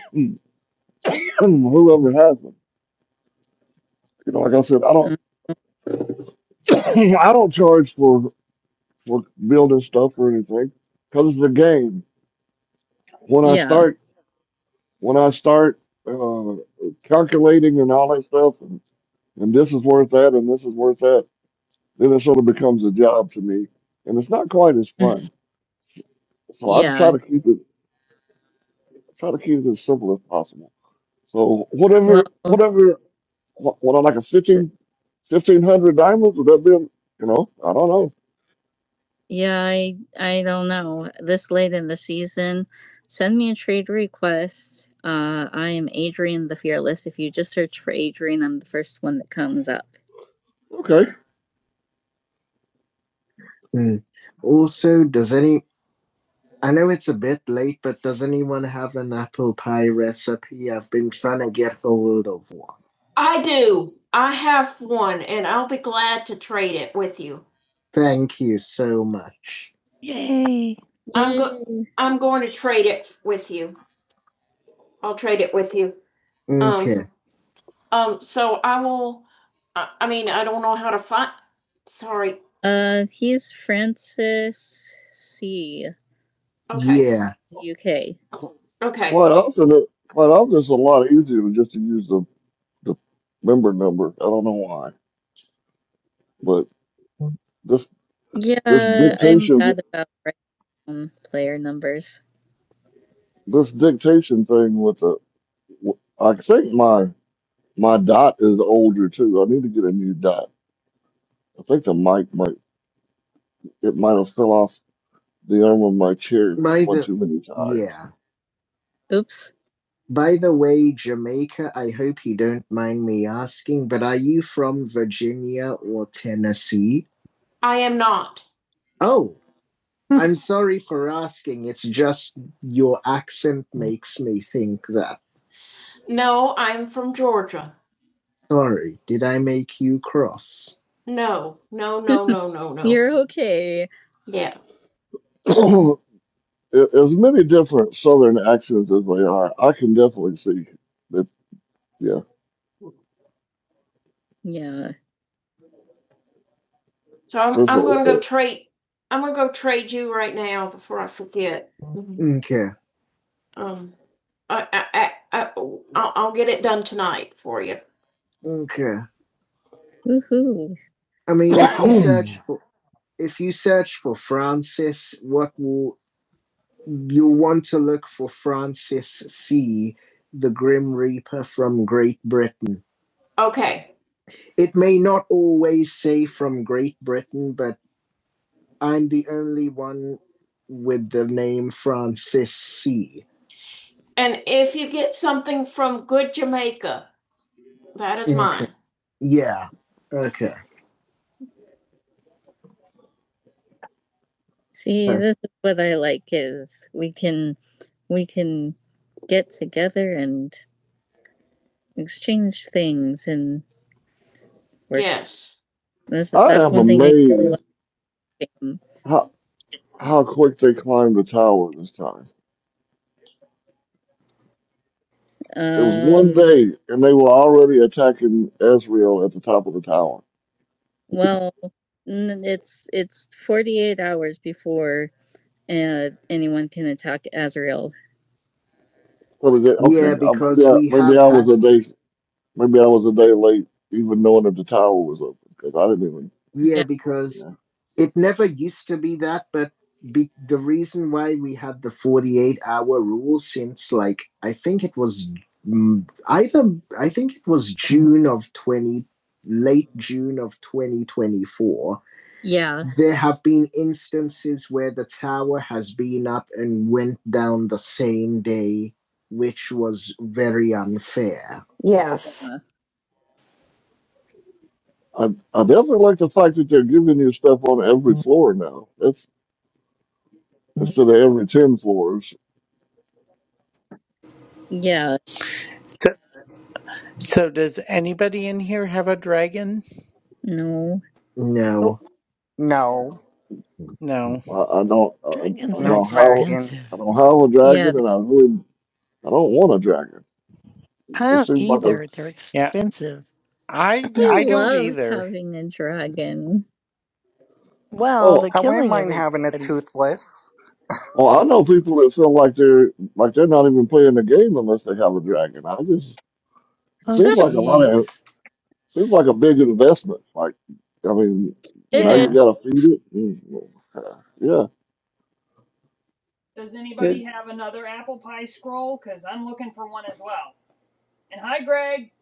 [SPEAKER 4] whoever has them. You know, like I said, I
[SPEAKER 1] Uh,
[SPEAKER 4] don't. I don't charge for for building stuff or anything because it's a game. when I
[SPEAKER 1] yeah,
[SPEAKER 4] start when I start uh, calculating and all that stuff, and, and this is worth that, and this is worth that, then it sort of becomes a job to me, and it's not quite as fun. So I try
[SPEAKER 1] yeah.
[SPEAKER 4] to keep it try to keep it as simple as possible. So whatever
[SPEAKER 1] Well,
[SPEAKER 4] whatever what, what I like a fifteen fifteen hundred diamonds would that be a- you know I don't know
[SPEAKER 1] yeah. I I don't know. This late in the season, send me a trade request. Uh, I am Adrian the Fearless. If you just search for Adrian, I'm the first one that comes up.
[SPEAKER 4] okay
[SPEAKER 1] Hmm. Also, does any I know it's a bit late, but does anyone have an apple pie recipe? I've been trying to get hold of one. I do. I have one, and I'll be glad to trade it with you. Thank you so much. Yay. I'm go- I'm going to trade it with you. I'll trade it with you. Okay. Um, um so I will. I, I mean, I don't know how to find. Sorry. Uh, he's Francis C, Okay. Yeah. UK.
[SPEAKER 4] Qu- quite often it, quite often it's a lot easier to just to use the the member number I don't know why but this
[SPEAKER 1] Yeah, I'm
[SPEAKER 4] dictation
[SPEAKER 1] bad about random player numbers.
[SPEAKER 4] this dictation thing with the I think my my dot is older too. I need to get a new dot. I think the mic might it might have fell off the arm of my chair
[SPEAKER 1] By
[SPEAKER 4] one
[SPEAKER 1] the
[SPEAKER 4] too many times.
[SPEAKER 1] yeah. Oops. By the way, Jamaica, I hope you don't mind me asking, but are you from Virginia or Tennessee? I am not. Oh, I'm sorry for asking. It's just your accent makes me think that. Sorry, did I make you cross? Oh, No, no. You're okay. yeah.
[SPEAKER 4] A- as many different southern accents as they are, I can definitely see that. Yeah,
[SPEAKER 1] Yeah. So I'm,
[SPEAKER 4] it's a,
[SPEAKER 1] I'm
[SPEAKER 4] it's
[SPEAKER 1] gonna
[SPEAKER 4] a,
[SPEAKER 1] go trade, I'm gonna go trade you right now before I forget. Okay. Um, I, I, I, I- will I'll get it done tonight for you. Okay. Woohoo. I mean, if you search for if you search for Francis, what will you want to look for Francis C, the Grim Reaper from Great Britain. Okay, It may not always say from Great Britain, but I'm the only one with the name Francis C. And if you get something from Good Jamaica, that is Okay. mine. Yeah. Okay. See, Huh. this is what I like is we can we can get together and exchange things and work. Yes. This
[SPEAKER 4] I
[SPEAKER 1] that's
[SPEAKER 4] am
[SPEAKER 1] one thing I really like.
[SPEAKER 4] amazed how how quick they climbed the tower this time. It was one
[SPEAKER 1] Um,
[SPEAKER 4] day, and they were already attacking Israel at the top of the tower.
[SPEAKER 1] well, it's it's 48 hours before uh, anyone can attack Azrael
[SPEAKER 4] So they, okay,
[SPEAKER 1] Yeah,
[SPEAKER 4] uh, maybe
[SPEAKER 1] because
[SPEAKER 4] I,
[SPEAKER 1] we
[SPEAKER 4] maybe
[SPEAKER 1] have
[SPEAKER 4] I was
[SPEAKER 1] had,
[SPEAKER 4] a day maybe I was a day late, even knowing that the tower was open because I didn't even.
[SPEAKER 1] yeah, yeah. because
[SPEAKER 4] Yeah,
[SPEAKER 1] it never used to be that, but be, the reason why we had the 48 hour rule since like, I think it was mm, either, I think it was June of 20, late June of 2024. Yeah. There have been instances where the tower has been up and went down the same day, which was very unfair. Yes.
[SPEAKER 4] I I definitely like the fact that they're giving you stuff on every floor now. That's instead of every ten floors.
[SPEAKER 1] Yeah.
[SPEAKER 2] So, so does anybody in here have a dragon?
[SPEAKER 1] No. Oh, No.
[SPEAKER 5] No,
[SPEAKER 2] No.
[SPEAKER 4] I, I don't I, I
[SPEAKER 1] Dragons are
[SPEAKER 5] no
[SPEAKER 4] know how
[SPEAKER 5] dragon.
[SPEAKER 1] expensive.
[SPEAKER 4] I don't have a
[SPEAKER 1] Yeah,
[SPEAKER 4] dragon,
[SPEAKER 1] th-
[SPEAKER 4] and I really I don't want a dragon.
[SPEAKER 1] I
[SPEAKER 4] It
[SPEAKER 1] don't
[SPEAKER 4] seems like a
[SPEAKER 1] either. They're
[SPEAKER 2] Yeah,
[SPEAKER 1] expensive.
[SPEAKER 2] I
[SPEAKER 1] we
[SPEAKER 2] I don't
[SPEAKER 1] loved
[SPEAKER 2] either.
[SPEAKER 1] having a dragon. Well,
[SPEAKER 4] oh
[SPEAKER 1] the
[SPEAKER 5] I wouldn't
[SPEAKER 1] killing
[SPEAKER 5] mind having a
[SPEAKER 1] everybody's
[SPEAKER 5] toothless.
[SPEAKER 4] Well, I
[SPEAKER 1] sorry.
[SPEAKER 4] know people that feel like they're like they're not even playing the game unless they have a dragon. I just it
[SPEAKER 1] Oh
[SPEAKER 4] seems
[SPEAKER 1] That's-
[SPEAKER 4] like a lot
[SPEAKER 1] jeez.
[SPEAKER 4] of seems like a big investment. Like, I mean, now
[SPEAKER 1] It
[SPEAKER 4] you
[SPEAKER 1] is.
[SPEAKER 4] got to feed it. Mm, Yeah,
[SPEAKER 5] Does anybody
[SPEAKER 2] Does
[SPEAKER 5] have another apple pie scroll? Because I'm looking for one as well. And hi, Greg,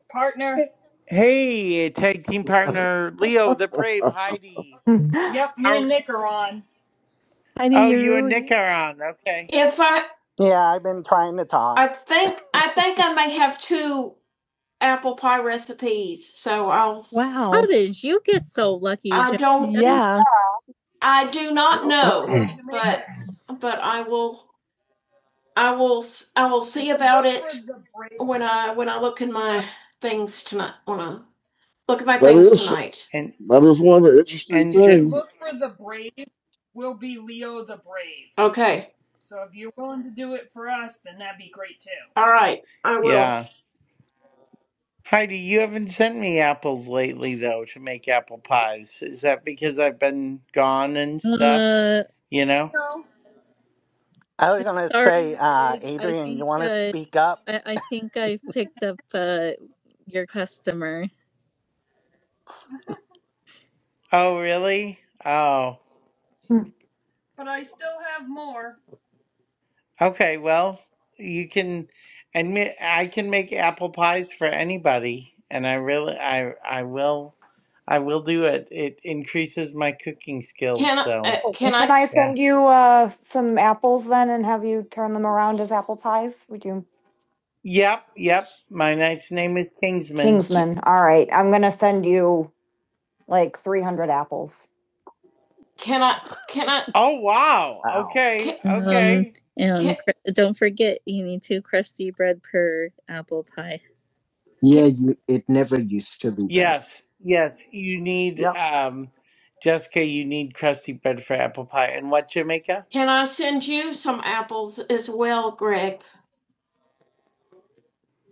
[SPEAKER 2] eh,
[SPEAKER 5] partner.
[SPEAKER 2] hey tag team partner Leo the Brave Heidi?
[SPEAKER 1] Yeah.
[SPEAKER 5] Yep, me
[SPEAKER 2] How?
[SPEAKER 5] and Nick are on.
[SPEAKER 1] Heidi,
[SPEAKER 2] Oh,
[SPEAKER 1] you're
[SPEAKER 2] you and Nick
[SPEAKER 1] really
[SPEAKER 2] are on. Okay.
[SPEAKER 1] If I,
[SPEAKER 5] Yeah, I've been trying to talk.
[SPEAKER 1] I think, I think I may have two apple pie recipes, so I'll. wow. How did you get so lucky? I Jen? don't. Yeah. I do not know,
[SPEAKER 5] So Jamaica,
[SPEAKER 1] but but I will I will I will
[SPEAKER 5] if
[SPEAKER 1] see
[SPEAKER 5] you
[SPEAKER 1] about
[SPEAKER 5] look for
[SPEAKER 1] it
[SPEAKER 5] the brave,
[SPEAKER 1] when I when I look in
[SPEAKER 5] yep.
[SPEAKER 1] my things tonight when I look at my
[SPEAKER 4] that
[SPEAKER 1] things
[SPEAKER 4] is
[SPEAKER 1] tonight.
[SPEAKER 2] and.
[SPEAKER 4] that is one of the interesting
[SPEAKER 2] And
[SPEAKER 5] If
[SPEAKER 2] Jim,
[SPEAKER 5] you
[SPEAKER 4] things.
[SPEAKER 5] look for the brave, will be Leo the brave.
[SPEAKER 1] Okay.
[SPEAKER 5] So if you're willing to do it for us, then that'd be great too.
[SPEAKER 1] All right. I will.
[SPEAKER 2] yeah. Heidi, you haven't sent me apples lately, though, to make apple pies. Is that because I've been gone and stuff?
[SPEAKER 1] Uh,
[SPEAKER 2] You know?
[SPEAKER 5] No. I was
[SPEAKER 1] I'm
[SPEAKER 5] gonna
[SPEAKER 1] sorry,
[SPEAKER 5] say, uh,
[SPEAKER 1] Greg. I
[SPEAKER 5] Adrian, you
[SPEAKER 1] think
[SPEAKER 5] want to
[SPEAKER 1] uh,
[SPEAKER 5] speak up?
[SPEAKER 1] I, I think I picked up uh, your customer.
[SPEAKER 2] Oh, really? Oh,
[SPEAKER 5] But I still have more.
[SPEAKER 2] okay. Well, you can, and me- I can make apple pies for anybody, and I really, I, I will, I will do it. It increases my cooking skills,
[SPEAKER 1] Can I- uh,
[SPEAKER 2] so
[SPEAKER 1] can can I Can I
[SPEAKER 2] yeah.
[SPEAKER 1] send you, uh, some apples then and have you turn them around as apple pies? Would you?
[SPEAKER 2] Yep, yep. My knight's name is Kingsman.
[SPEAKER 1] Kingsman, all right, I'm gonna send you like three hundred apples. Can I? Can I?
[SPEAKER 2] Oh, wow.
[SPEAKER 5] Oh,
[SPEAKER 2] Okay,
[SPEAKER 1] Can, Um,
[SPEAKER 2] okay.
[SPEAKER 1] and Ca- don't forget, you need two crusty bread per apple pie. Yeah, you, it never used to be that.
[SPEAKER 2] Yes, yes. You need,
[SPEAKER 5] yep.
[SPEAKER 2] um, Jessica, you need crusty bread for apple pie. And what, Jamaica?
[SPEAKER 1] can I send you some apples as well, Greg?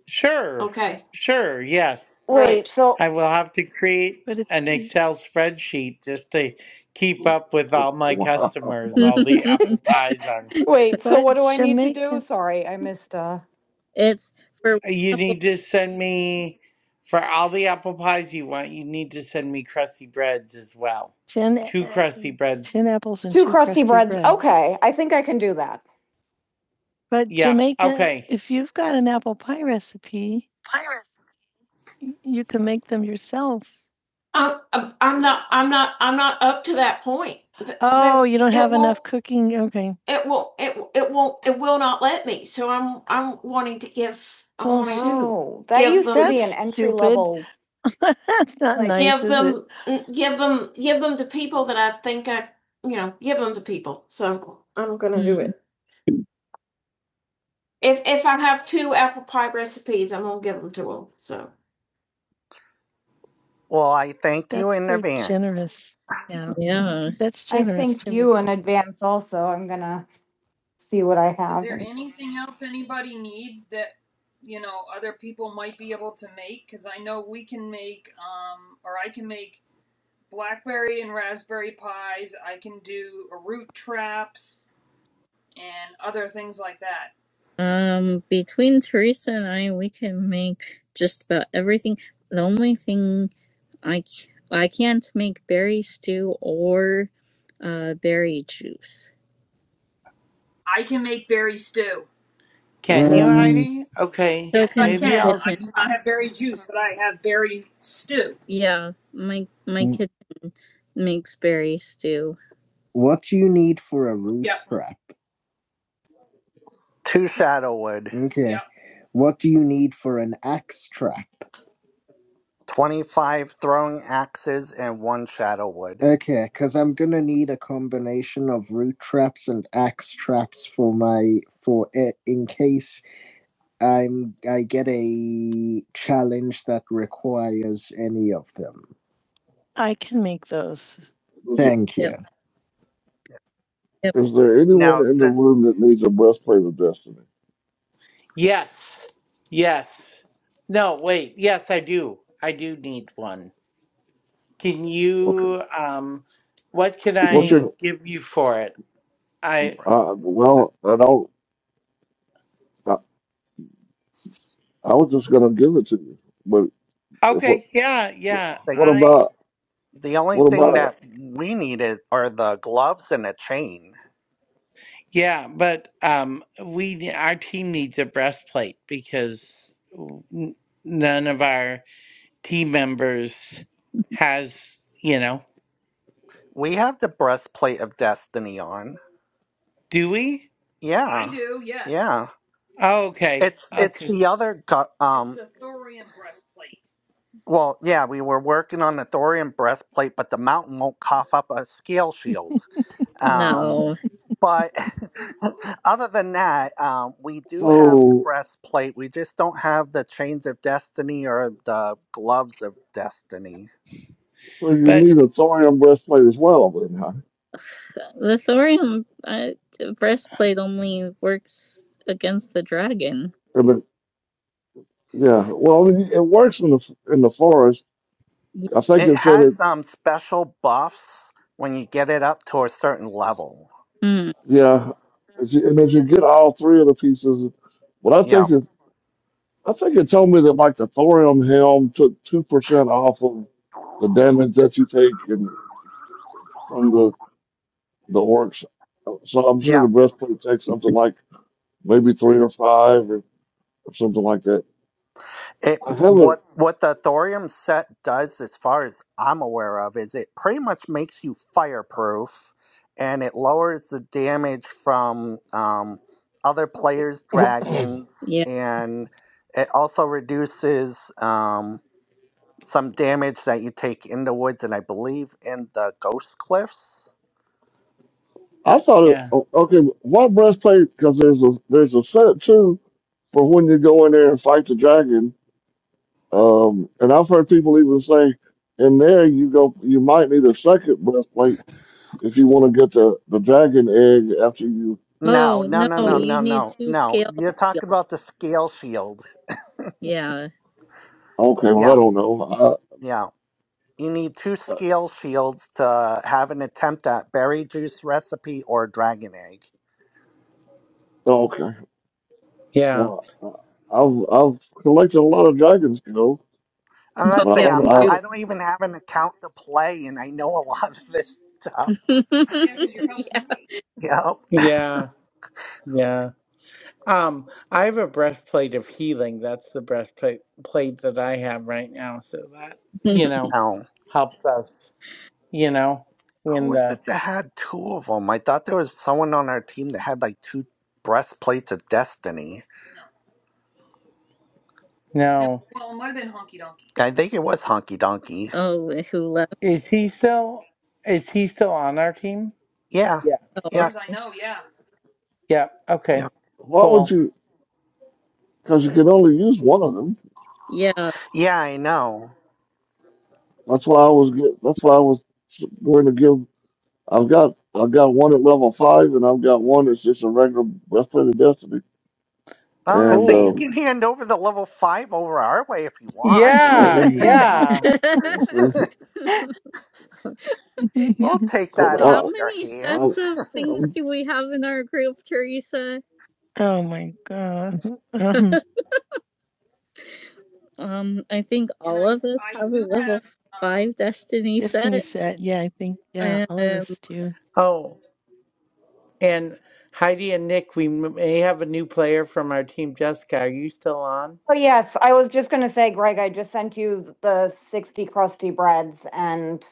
[SPEAKER 2] Sure,
[SPEAKER 1] Okay.
[SPEAKER 2] sure, yes.
[SPEAKER 1] Wait, Right. so,
[SPEAKER 2] I will have to create
[SPEAKER 1] But it's
[SPEAKER 2] an Excel spreadsheet just to keep up with all my
[SPEAKER 4] Wow.
[SPEAKER 2] customers, all the apple pies on.
[SPEAKER 1] wait, so what do I need to do? Sorry, I missed, uh, it's for
[SPEAKER 2] You need to send me, for all the apple pies you want, you need to send me crusty breads as well.
[SPEAKER 1] Ten, uh,
[SPEAKER 2] Two crusty
[SPEAKER 1] ten
[SPEAKER 2] breads.
[SPEAKER 1] apples and Two two crusty crusty breads. bread. Okay, I think I can do that. But
[SPEAKER 2] Yep,
[SPEAKER 1] Jamaica,
[SPEAKER 2] okay.
[SPEAKER 1] if you've got an apple pie recipe, Y- You can make them yourself. I'm, I'm I'm not, I'm not, I'm not up to that point. Th- th- Oh, you don't it have enough won't- enough cooking. Okay. It won't, it, w- it won't, it will not let me, so I'm, I'm wanting to give, I'm Well, wanting s- to Oh, that give used to them- be that's an entry stupid. level. That's not Like, nice, give is it? them, mm, give them, give them to people that I think I, you know, give them to people, so I'm gonna do Mm. it. If, if I have two apple pie recipes, I'm gonna give them to them, so.
[SPEAKER 5] Well, I thank you
[SPEAKER 1] That's
[SPEAKER 5] in
[SPEAKER 1] very
[SPEAKER 5] advance.
[SPEAKER 1] generous. Yeah, that's, Yeah. that's I generous. thank Jimmy. you in advance also. I'm gonna see what I
[SPEAKER 5] Is
[SPEAKER 1] have.
[SPEAKER 5] there
[SPEAKER 1] and-
[SPEAKER 5] anything else anybody needs that you know other people might be able to make? Because I know we can make, um, or I can make blackberry and raspberry pies. I can do root traps and other things like that.
[SPEAKER 1] Um, between Teresa and I, we can make just about everything. The only thing I c- I can't make berry stew or uh berry juice.
[SPEAKER 5] I can make berry stew.
[SPEAKER 2] Can you,
[SPEAKER 1] So Um,
[SPEAKER 2] Heidi? Okay,
[SPEAKER 1] so
[SPEAKER 5] Yes, I
[SPEAKER 1] can my
[SPEAKER 2] maybe
[SPEAKER 5] can.
[SPEAKER 2] I'll.
[SPEAKER 1] kitten.
[SPEAKER 5] I do not have berry juice, but I have berry stew.
[SPEAKER 1] Yeah, my my Mm. kid makes berry stew. what do you need for a root
[SPEAKER 5] Yep,
[SPEAKER 1] trap?
[SPEAKER 5] Two shadow wood, yep.
[SPEAKER 1] Okay. What do you need for an axe trap?
[SPEAKER 5] 25 throwing axes, and one shadow wood.
[SPEAKER 1] Okay, because I'm gonna need a combination of root traps and axe traps for my for it in case I'm I get a challenge that requires any of them. I can make those.
[SPEAKER 4] Is,
[SPEAKER 1] Thank you. Yep,
[SPEAKER 4] is there anyone
[SPEAKER 5] Now,
[SPEAKER 4] in the
[SPEAKER 5] does,
[SPEAKER 4] room that needs a breastplate of destiny?
[SPEAKER 2] Yes. Yes. No, wait. Yes, I do. I do need one. Can
[SPEAKER 4] Okay,
[SPEAKER 2] you um what can
[SPEAKER 1] yep.
[SPEAKER 4] what's
[SPEAKER 2] I
[SPEAKER 4] your?
[SPEAKER 2] give you for it? I
[SPEAKER 4] Uh, well, I don't. I, I was just gonna give it to you, but what?
[SPEAKER 2] Okay, yeah, yeah.
[SPEAKER 5] like,
[SPEAKER 4] What
[SPEAKER 2] I
[SPEAKER 4] about?
[SPEAKER 5] the only
[SPEAKER 4] What
[SPEAKER 5] thing
[SPEAKER 4] about?
[SPEAKER 5] that we needed are the gloves and a chain.
[SPEAKER 2] yeah, but um we ne- our team needs a breastplate because n- none of our team members
[SPEAKER 1] Mhm.
[SPEAKER 2] has, you know.
[SPEAKER 5] We have the breastplate of destiny on.
[SPEAKER 2] Do we?
[SPEAKER 5] Yeah. I do, yes. Yeah.
[SPEAKER 2] Oh, okay.
[SPEAKER 5] It's it's
[SPEAKER 2] Okay.
[SPEAKER 5] the other go- It's um It's the thorium breastplate. well, yeah, we were working on the thorium breastplate, but the mountain won't cough up a scale shield. Um
[SPEAKER 1] No.
[SPEAKER 5] but other than that, um, we do have the
[SPEAKER 4] So.
[SPEAKER 5] breastplate. We just don't have the chains of destiny or the gloves of destiny.
[SPEAKER 4] So you
[SPEAKER 2] But
[SPEAKER 4] need a thorium breastplate as well, then, huh?
[SPEAKER 1] The thorium uh, breastplate only works against the dragon.
[SPEAKER 4] And then- yeah. Well, I mean, it works in the in the forest. I think
[SPEAKER 5] It
[SPEAKER 4] it said it.
[SPEAKER 5] has um special buffs when you get it up to a certain level.
[SPEAKER 1] Mm,
[SPEAKER 4] Yeah. If you, and if you get all three of the pieces, but I
[SPEAKER 5] Yeah.
[SPEAKER 4] think it. I think it told me that like the thorium helm took two percent off of the damage that you take in, from the the orcs. So I'm sure
[SPEAKER 5] Yeah.
[SPEAKER 4] the breastplate takes something like maybe three or five or, or something like that.
[SPEAKER 5] It
[SPEAKER 4] I haven't.
[SPEAKER 5] what what the thorium set does, as far as I'm aware of, is it pretty much makes you fireproof, and it lowers the damage from um, other players' dragons,
[SPEAKER 1] yeah.
[SPEAKER 5] and it also reduces um, some damage that you take in the woods, and I believe in the ghost cliffs.
[SPEAKER 4] I thought, it-
[SPEAKER 2] yeah.
[SPEAKER 4] o- okay, one breastplate because there's a there's a set too for when you go in there and fight the dragon. Um, and I've heard people even say in there you go, you might need a second breastplate if you want to get the the dragon egg after you.
[SPEAKER 5] No,
[SPEAKER 1] Oh
[SPEAKER 5] no,
[SPEAKER 1] no,
[SPEAKER 5] no, no,
[SPEAKER 4] Uh,
[SPEAKER 1] you
[SPEAKER 5] no,
[SPEAKER 1] need
[SPEAKER 5] no,
[SPEAKER 1] two
[SPEAKER 5] no.
[SPEAKER 1] scale.
[SPEAKER 5] You're talking
[SPEAKER 1] shield.
[SPEAKER 5] about the scale shield.
[SPEAKER 1] Yeah.
[SPEAKER 4] okay, well I
[SPEAKER 5] Yeah,
[SPEAKER 4] don't know.
[SPEAKER 5] yeah. You need two
[SPEAKER 4] I, I,
[SPEAKER 5] scale shields to have an attempt at berry juice recipe or dragon egg.
[SPEAKER 4] okay,
[SPEAKER 2] Yeah.
[SPEAKER 4] well I've I've collected a lot of dragons, you know,
[SPEAKER 1] No.
[SPEAKER 4] but I
[SPEAKER 5] Honestly,
[SPEAKER 1] Yeah.
[SPEAKER 4] don't
[SPEAKER 5] I'm
[SPEAKER 4] know.
[SPEAKER 5] not,
[SPEAKER 4] I,
[SPEAKER 1] Two.
[SPEAKER 5] I don't even have an account to play, and I know a lot of this stuff.
[SPEAKER 1] yeah.
[SPEAKER 5] Yeah, because you're helping me. Yep.
[SPEAKER 2] Yeah. Yeah. Um, I have a breastplate of healing. That's the breastplate plate that I have right now. So that, you know,
[SPEAKER 5] Um,
[SPEAKER 2] helps us, you know,
[SPEAKER 5] who
[SPEAKER 2] in
[SPEAKER 5] was
[SPEAKER 2] the
[SPEAKER 5] it that had two of them? I thought there was someone on our team that had like two breastplates of destiny. No, no.
[SPEAKER 2] no.
[SPEAKER 5] Well, it might have been Honky Donkey. I think it was Honky Donkey.
[SPEAKER 1] oh, who left?
[SPEAKER 2] Is he still is he still on our team?
[SPEAKER 5] Yeah. As far
[SPEAKER 2] Yeah.
[SPEAKER 5] Yeah.
[SPEAKER 1] Oh,
[SPEAKER 5] As I
[SPEAKER 1] okay.
[SPEAKER 5] know, Yeah.
[SPEAKER 2] Yeah,
[SPEAKER 5] Yeah.
[SPEAKER 2] okay.
[SPEAKER 4] why would
[SPEAKER 2] Cool.
[SPEAKER 4] you? Because you can only use one of them.
[SPEAKER 1] Yeah.
[SPEAKER 5] Yeah, I know.
[SPEAKER 4] That's why I was get. That's why I was going to give. I've got I've got one at level five, and I've got one that's just a regular breastplate of destiny.
[SPEAKER 5] Well, I'm gonna
[SPEAKER 4] And
[SPEAKER 5] say you
[SPEAKER 2] Ooh.
[SPEAKER 5] can
[SPEAKER 4] um,
[SPEAKER 5] hand over the level five over our way if you want.
[SPEAKER 2] Yeah,
[SPEAKER 4] um
[SPEAKER 2] yeah.
[SPEAKER 4] you know,
[SPEAKER 1] Yeah.
[SPEAKER 5] We'll take that
[SPEAKER 1] How
[SPEAKER 5] off your
[SPEAKER 1] many
[SPEAKER 4] I,
[SPEAKER 5] hands.
[SPEAKER 4] I,
[SPEAKER 1] sets of things
[SPEAKER 4] I'm
[SPEAKER 1] do we have in our group, Teresa? oh my god. Um, Um, I think
[SPEAKER 5] and
[SPEAKER 1] all
[SPEAKER 5] I
[SPEAKER 1] of us
[SPEAKER 5] I
[SPEAKER 1] have a
[SPEAKER 5] do have
[SPEAKER 1] level
[SPEAKER 5] um
[SPEAKER 1] 5 Destiny Destiny set. set, yeah, I think, yeah, Um all of Um, us do.
[SPEAKER 2] Oh, and Heidi and Nick, we m- may have a new player from our team, Jessica. Are you still on?
[SPEAKER 1] Oh, yes, I was just gonna say, Greg, I just sent you the sixty crusty breads and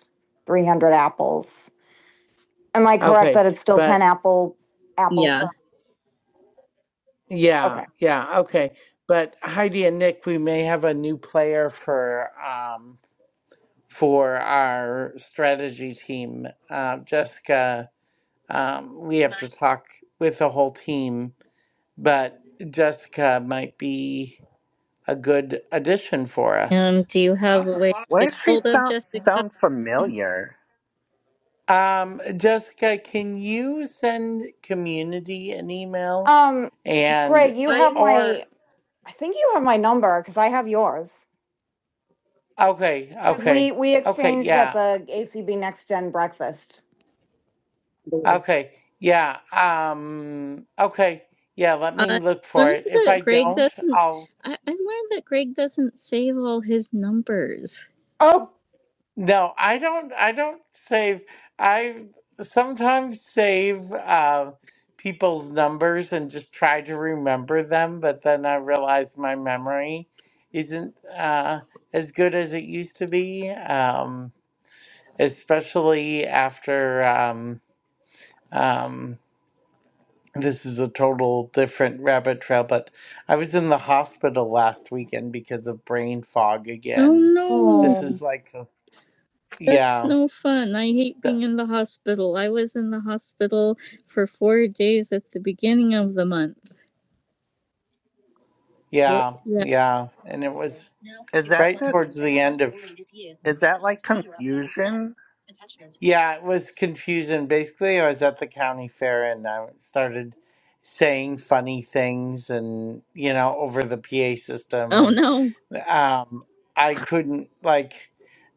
[SPEAKER 1] three hundred apples. Am I correct
[SPEAKER 2] Okay,
[SPEAKER 1] that it's still ten
[SPEAKER 2] but
[SPEAKER 1] apple, apples? Yeah.
[SPEAKER 2] Yeah,
[SPEAKER 1] Okay.
[SPEAKER 2] yeah, okay. But Heidi and Nick, we may have a new player for um for our strategy team. Uh, Jessica, um, we have to
[SPEAKER 5] tonight
[SPEAKER 2] talk with the whole team, but Jessica might be a good addition for us.
[SPEAKER 1] Um, do you have a
[SPEAKER 5] awesome
[SPEAKER 1] way to
[SPEAKER 5] podcast. Why
[SPEAKER 1] get
[SPEAKER 5] does
[SPEAKER 1] a
[SPEAKER 5] she
[SPEAKER 1] hold of
[SPEAKER 5] sound
[SPEAKER 1] Jessica?
[SPEAKER 5] sound familiar?
[SPEAKER 2] Um, Jessica, can you send community an email
[SPEAKER 1] Um,
[SPEAKER 2] and
[SPEAKER 1] Greg, you I- have
[SPEAKER 2] or
[SPEAKER 1] my I think you have my number because I have yours.
[SPEAKER 2] okay,
[SPEAKER 1] Because we
[SPEAKER 2] okay,
[SPEAKER 1] we
[SPEAKER 2] okay,
[SPEAKER 1] exchanged
[SPEAKER 2] yeah.
[SPEAKER 1] at the ACB Next Gen breakfast. I
[SPEAKER 2] Okay. Yeah. Um, okay. Yeah, let me look for
[SPEAKER 1] Learned
[SPEAKER 2] it. If
[SPEAKER 1] that
[SPEAKER 2] I
[SPEAKER 1] Greg
[SPEAKER 2] don't,
[SPEAKER 1] doesn't.
[SPEAKER 2] I'll
[SPEAKER 1] I, I learned that Greg doesn't save all his numbers. Oh,
[SPEAKER 2] no, I don't I don't save I sometimes save uh people's numbers and just try to remember them, but then I realize my memory isn't uh as good as it used to be. Um especially after um um this is a total different rabbit trail, but I was in the hospital last weekend because of brain fog
[SPEAKER 1] Oh
[SPEAKER 2] again.
[SPEAKER 1] no,
[SPEAKER 2] This is
[SPEAKER 1] oh,
[SPEAKER 2] like, the-
[SPEAKER 1] that's
[SPEAKER 2] yeah,
[SPEAKER 1] no fun. I hate being
[SPEAKER 2] the-
[SPEAKER 1] in the hospital. I was in the hospital for four days at the beginning of the month. Four,
[SPEAKER 2] yeah,
[SPEAKER 1] yeah.
[SPEAKER 2] yeah. And it was
[SPEAKER 5] Is that
[SPEAKER 2] right
[SPEAKER 5] just
[SPEAKER 2] towards the end of,
[SPEAKER 5] is that like confusion?
[SPEAKER 2] yeah, it was confusing. Basically, I was at the county fair and I started saying funny things and, you know, over the PA system.
[SPEAKER 1] Oh
[SPEAKER 2] And
[SPEAKER 1] no,
[SPEAKER 2] um, I couldn't, like,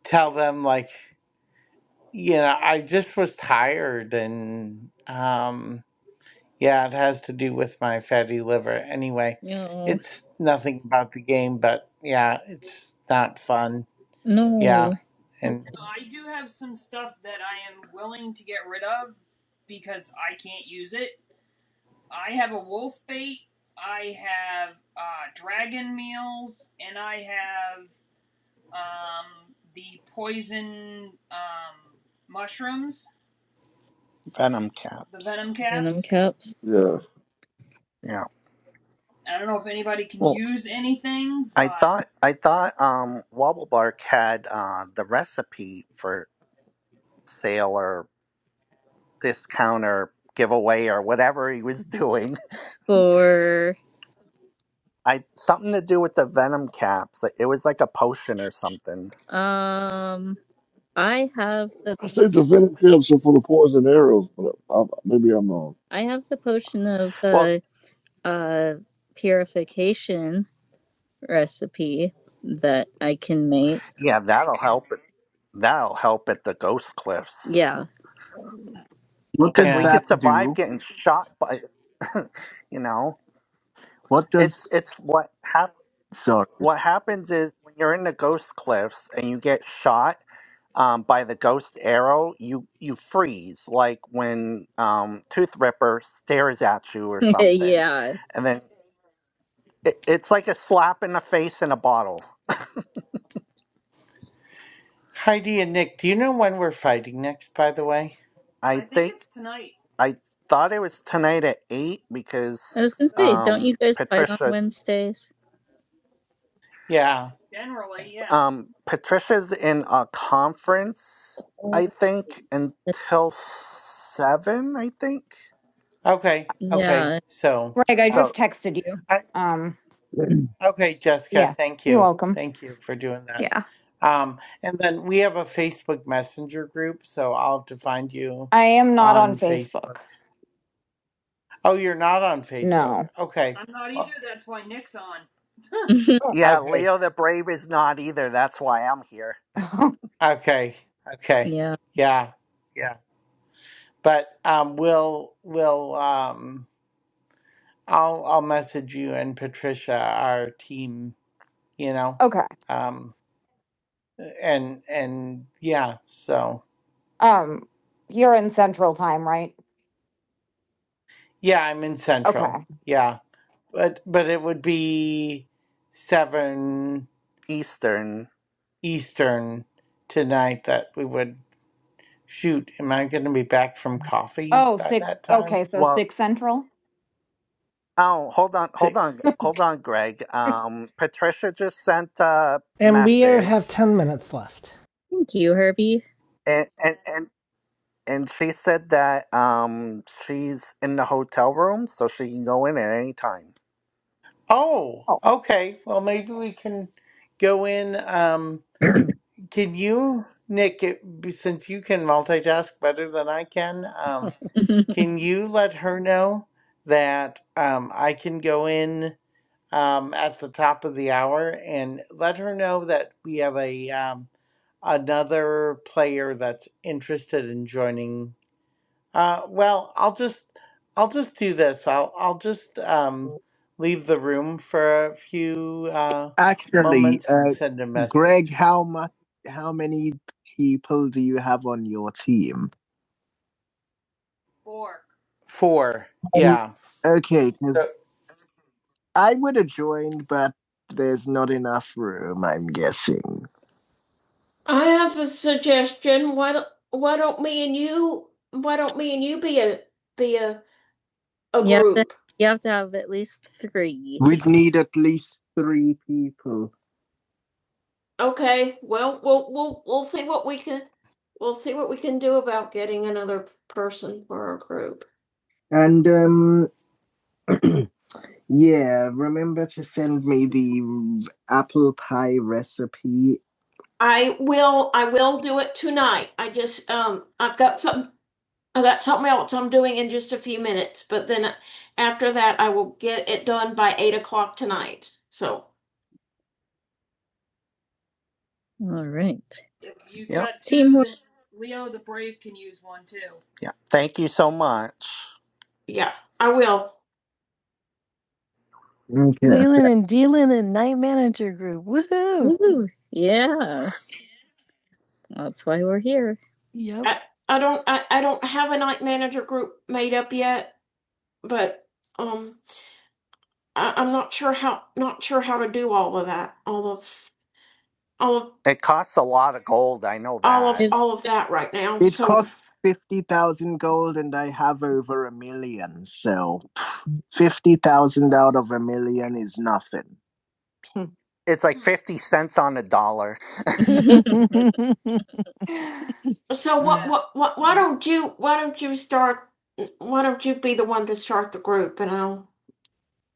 [SPEAKER 2] tell them, like, you know, I just was tired and um yeah, it has to do with my fatty liver. Anyway,
[SPEAKER 1] no,
[SPEAKER 2] it's nothing about the game, but yeah, it's not fun. Yeah.
[SPEAKER 1] no.
[SPEAKER 2] And
[SPEAKER 5] I do have some stuff that I am willing to get rid of because I can't use it. I have a wolf bait, I have uh, dragon meals, and I have um, the poison um, mushrooms, Venom the caps. venom
[SPEAKER 1] Venom
[SPEAKER 5] caps.
[SPEAKER 1] caps
[SPEAKER 4] yeah.
[SPEAKER 5] I don't know if anybody can Well, use anything, I but thought I thought um, Wobble Bark had uh, the recipe for sale or discount or giveaway or whatever he was doing.
[SPEAKER 1] for
[SPEAKER 5] I something to do with the venom caps. It was like a potion or something.
[SPEAKER 1] um I have the
[SPEAKER 4] I think the venom caps are for the poison arrows, but I, maybe I'm wrong.
[SPEAKER 1] I have the potion of
[SPEAKER 5] Well,
[SPEAKER 1] the uh purification recipe that I can make.
[SPEAKER 5] yeah, that'll help. it- That'll help at the Ghost Cliffs
[SPEAKER 1] Yeah. What
[SPEAKER 5] because
[SPEAKER 1] does
[SPEAKER 5] we
[SPEAKER 2] yeah.
[SPEAKER 5] could
[SPEAKER 1] that
[SPEAKER 5] survive
[SPEAKER 1] do?
[SPEAKER 5] getting shot by. you know,
[SPEAKER 1] What does
[SPEAKER 5] it's it's what
[SPEAKER 1] sorry?
[SPEAKER 5] what happens is when you're in the ghost cliffs and you get shot um, by the ghost arrow, you you freeze like when um, Tooth Ripper stares at you or something,
[SPEAKER 1] yeah.
[SPEAKER 5] and then it, it's like a slap in the face in a bottle.
[SPEAKER 2] Heidi and Nick, do you know when we're fighting next, by the way?
[SPEAKER 5] I, I think, think it's tonight. I thought it was tonight at eight
[SPEAKER 1] I was
[SPEAKER 5] because
[SPEAKER 1] gonna say, don't
[SPEAKER 5] um,
[SPEAKER 1] you guys fight on
[SPEAKER 5] Patricia's
[SPEAKER 1] Wednesdays?
[SPEAKER 2] Yeah.
[SPEAKER 5] generally
[SPEAKER 2] Yeah.
[SPEAKER 5] yeah. Um, Patricia's in a conference,
[SPEAKER 1] Oh,
[SPEAKER 5] I think, until seven. I think.
[SPEAKER 2] Okay. Okay.
[SPEAKER 1] yeah.
[SPEAKER 2] So,
[SPEAKER 1] Greg, I
[SPEAKER 2] yeah.
[SPEAKER 5] So
[SPEAKER 1] just texted you. Um,
[SPEAKER 2] Okay, Jessica,
[SPEAKER 1] yeah,
[SPEAKER 2] thank
[SPEAKER 1] you're
[SPEAKER 2] you.
[SPEAKER 1] welcome.
[SPEAKER 2] Thank you for doing that.
[SPEAKER 1] Yeah,
[SPEAKER 2] Um, and then we have a Facebook Messenger group, so I'll have to find you
[SPEAKER 1] I am not on
[SPEAKER 2] on
[SPEAKER 1] Facebook.
[SPEAKER 2] Facebook. Oh, you're not on Facebook.
[SPEAKER 1] No.
[SPEAKER 2] Okay.
[SPEAKER 5] I'm not either.
[SPEAKER 2] Well,
[SPEAKER 5] That's why Nick's on. yeah,
[SPEAKER 2] Okay.
[SPEAKER 5] Leo the Brave is not either. That's why I'm here.
[SPEAKER 2] Okay. Okay.
[SPEAKER 1] yeah.
[SPEAKER 2] Yeah. Yeah. But um, we'll we'll um, I'll I'll message you and Patricia, our team. You know,
[SPEAKER 1] okay.
[SPEAKER 2] um, and and yeah. So
[SPEAKER 1] Um, you're in central time, right?
[SPEAKER 2] yeah, I'm in Central.
[SPEAKER 1] Okay.
[SPEAKER 2] Yeah. but but it would be seven
[SPEAKER 5] Eastern.
[SPEAKER 2] Eastern tonight that we would shoot. Am I going to be back from coffee
[SPEAKER 1] Oh,
[SPEAKER 2] by
[SPEAKER 1] six.
[SPEAKER 2] that time?
[SPEAKER 1] Okay, so
[SPEAKER 5] Well,
[SPEAKER 1] six central.
[SPEAKER 5] oh, hold on,
[SPEAKER 2] Six.
[SPEAKER 5] hold on, hold on, Greg. Um, Patricia just sent a
[SPEAKER 1] And we are,
[SPEAKER 5] message,
[SPEAKER 1] have 10 minutes left. Thank you, Herbie.
[SPEAKER 5] and and and and she said that um she's in the hotel room, so she can go in at any time.
[SPEAKER 2] Oh,
[SPEAKER 1] Oh.
[SPEAKER 2] okay. Well, maybe we can go in. Um, can you, Nick? It, since you can multitask better than I can, um, can you let her know that um, I can go in? Um, at the top of the hour, and let her know that we have a um, another player that's interested in joining uh well i'll just i'll just do this i'll i'll just um leave the room for a few uh
[SPEAKER 1] Actually,
[SPEAKER 2] moments and
[SPEAKER 1] uh,
[SPEAKER 2] send a
[SPEAKER 1] Greg,
[SPEAKER 2] message
[SPEAKER 1] how much, how many people do you have on your team?
[SPEAKER 5] Four.
[SPEAKER 2] four
[SPEAKER 1] Um,
[SPEAKER 2] yeah
[SPEAKER 1] okay,
[SPEAKER 2] So
[SPEAKER 1] because I would have joined, but there's not enough room. I'm guessing. I have a suggestion. Why don't why don't me and you why don't me and you be a be a, a Yeah. group? Have to, You have to have at least three. We'd need at least three people. Okay. Well, we'll we'll we'll see what we can we'll see what we can do about getting another person for our group. And um yeah, remember to send me the apple pie recipe I will, I will do it tonight. I just, um, I've got some, I've got something else I'm doing in just a few minutes, but then after that, I will get it done by eight o'clock tonight. So, All right.
[SPEAKER 5] If you Yep. got two,
[SPEAKER 1] Teamwork.
[SPEAKER 5] then Leo the Brave can use one too. Yeah. Thank you so much.
[SPEAKER 1] yeah, I will. Okay. Wheeling and dealing in night manager group. Woohoo. Woo. Yeah. That's why we're here. Yep. I I don't, I, I don't have a night manager group made up yet, but, um, I, I'm not sure how not sure how to do all of that, all of all of
[SPEAKER 5] It costs a lot of gold. I know
[SPEAKER 1] all of
[SPEAKER 5] that.
[SPEAKER 1] It's- all of
[SPEAKER 5] Fifty
[SPEAKER 1] that right
[SPEAKER 5] thousand.
[SPEAKER 1] now. It so costs 50,000 gold and I have over a million. So 50,000 out of a million is nothing.
[SPEAKER 5] It's like 50 cents on a dollar. If
[SPEAKER 1] so what,
[SPEAKER 5] that.
[SPEAKER 1] what what why don't you why don't you start why don't you be the one to start the group and I'll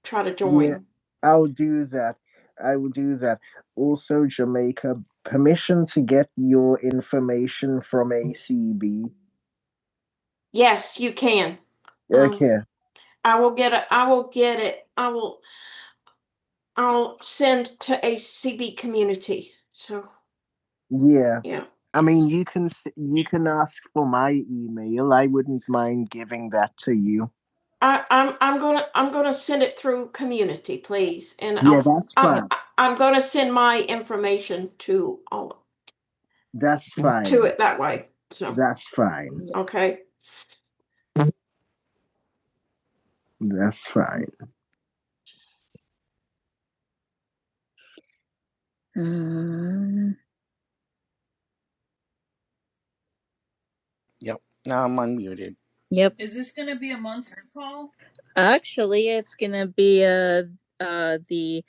[SPEAKER 1] try to Yeah, join. Yeah, I'll do that. I will do that. Also, Jamaica, permission to get your information from ACB. Yes, you can. Um, Okay. Um, I will get it. I will get it. I will. I'll send to ACB community. So Yeah. Yeah. I mean, you can s- you can ask for my email. I wouldn't mind giving that to you. I, I'm I'm gonna I'm gonna send it through community, please, and Yeah, I'll, that's I'm fine. I'm I'm gonna send my information to all That's fine. to fine. it that way. So That's fine. okay, That's fine. Uh,
[SPEAKER 5] Yep. Now I'm unmuted.
[SPEAKER 1] yep.
[SPEAKER 5] Is this gonna be a monster call?
[SPEAKER 1] Actually, it's gonna be uh uh the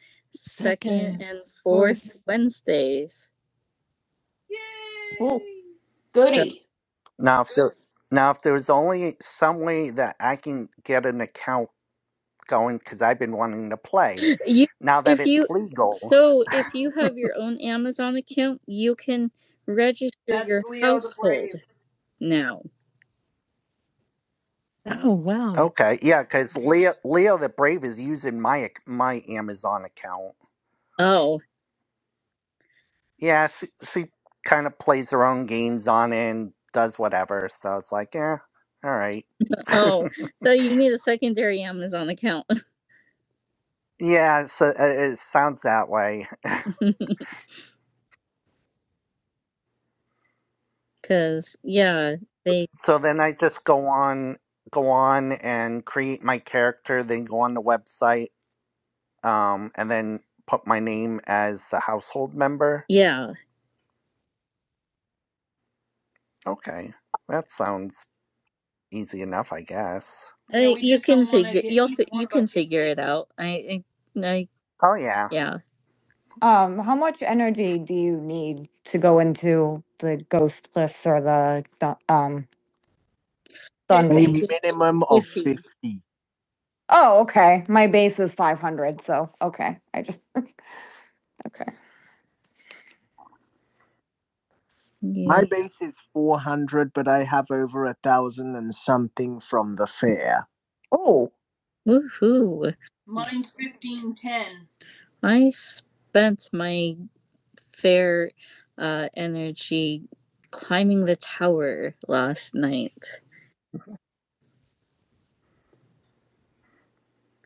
[SPEAKER 1] Second. and fourth Wednesdays. Oh,
[SPEAKER 5] Yay!
[SPEAKER 1] Goody.
[SPEAKER 5] Now, if there, now if there's only some way that I can get an account going because I've been wanting to play,
[SPEAKER 1] So you
[SPEAKER 5] now that
[SPEAKER 1] if
[SPEAKER 5] it's
[SPEAKER 1] you
[SPEAKER 5] legal.
[SPEAKER 1] so if you have your own amazon account you can register
[SPEAKER 5] That's
[SPEAKER 1] your
[SPEAKER 5] Leo the
[SPEAKER 1] household
[SPEAKER 5] Brave.
[SPEAKER 1] now Oh, wow.
[SPEAKER 5] Okay, yeah, because Leo, Leo the Brave is using my ac- my Amazon account.
[SPEAKER 1] oh
[SPEAKER 5] Yeah, she she kind of plays her own games on it and does whatever. So it's like, eh, all right.
[SPEAKER 1] oh so you need a secondary amazon account
[SPEAKER 5] yeah, so it, it sounds that way.
[SPEAKER 1] because yeah they
[SPEAKER 5] So then I just go on go on and create my character, then go on the website, um, and then put my name as a household member.
[SPEAKER 1] yeah
[SPEAKER 5] Okay. That sounds easy enough, I guess. Yeah,
[SPEAKER 1] I,
[SPEAKER 5] we
[SPEAKER 1] you
[SPEAKER 5] just
[SPEAKER 1] can
[SPEAKER 5] don't want to
[SPEAKER 1] figure
[SPEAKER 5] get
[SPEAKER 1] you'll
[SPEAKER 5] either one
[SPEAKER 1] you
[SPEAKER 5] of us
[SPEAKER 1] can
[SPEAKER 5] get
[SPEAKER 1] figure
[SPEAKER 5] banned.
[SPEAKER 1] it out i i, I
[SPEAKER 5] Oh yeah.
[SPEAKER 1] yeah Um, how much energy do you need to go into the ghost cliffs or the um on A
[SPEAKER 5] Fifty.
[SPEAKER 1] vacation. minimum of 50. fifty. Oh, okay. My base is five hundred, so okay. I just okay. Yeah. My Yeah. base is four hundred, but I have over a thousand and something from the fair. Oh, Woohoo!
[SPEAKER 5] Mine's fifteen ten.
[SPEAKER 1] I spent my fair uh, energy climbing the tower last night.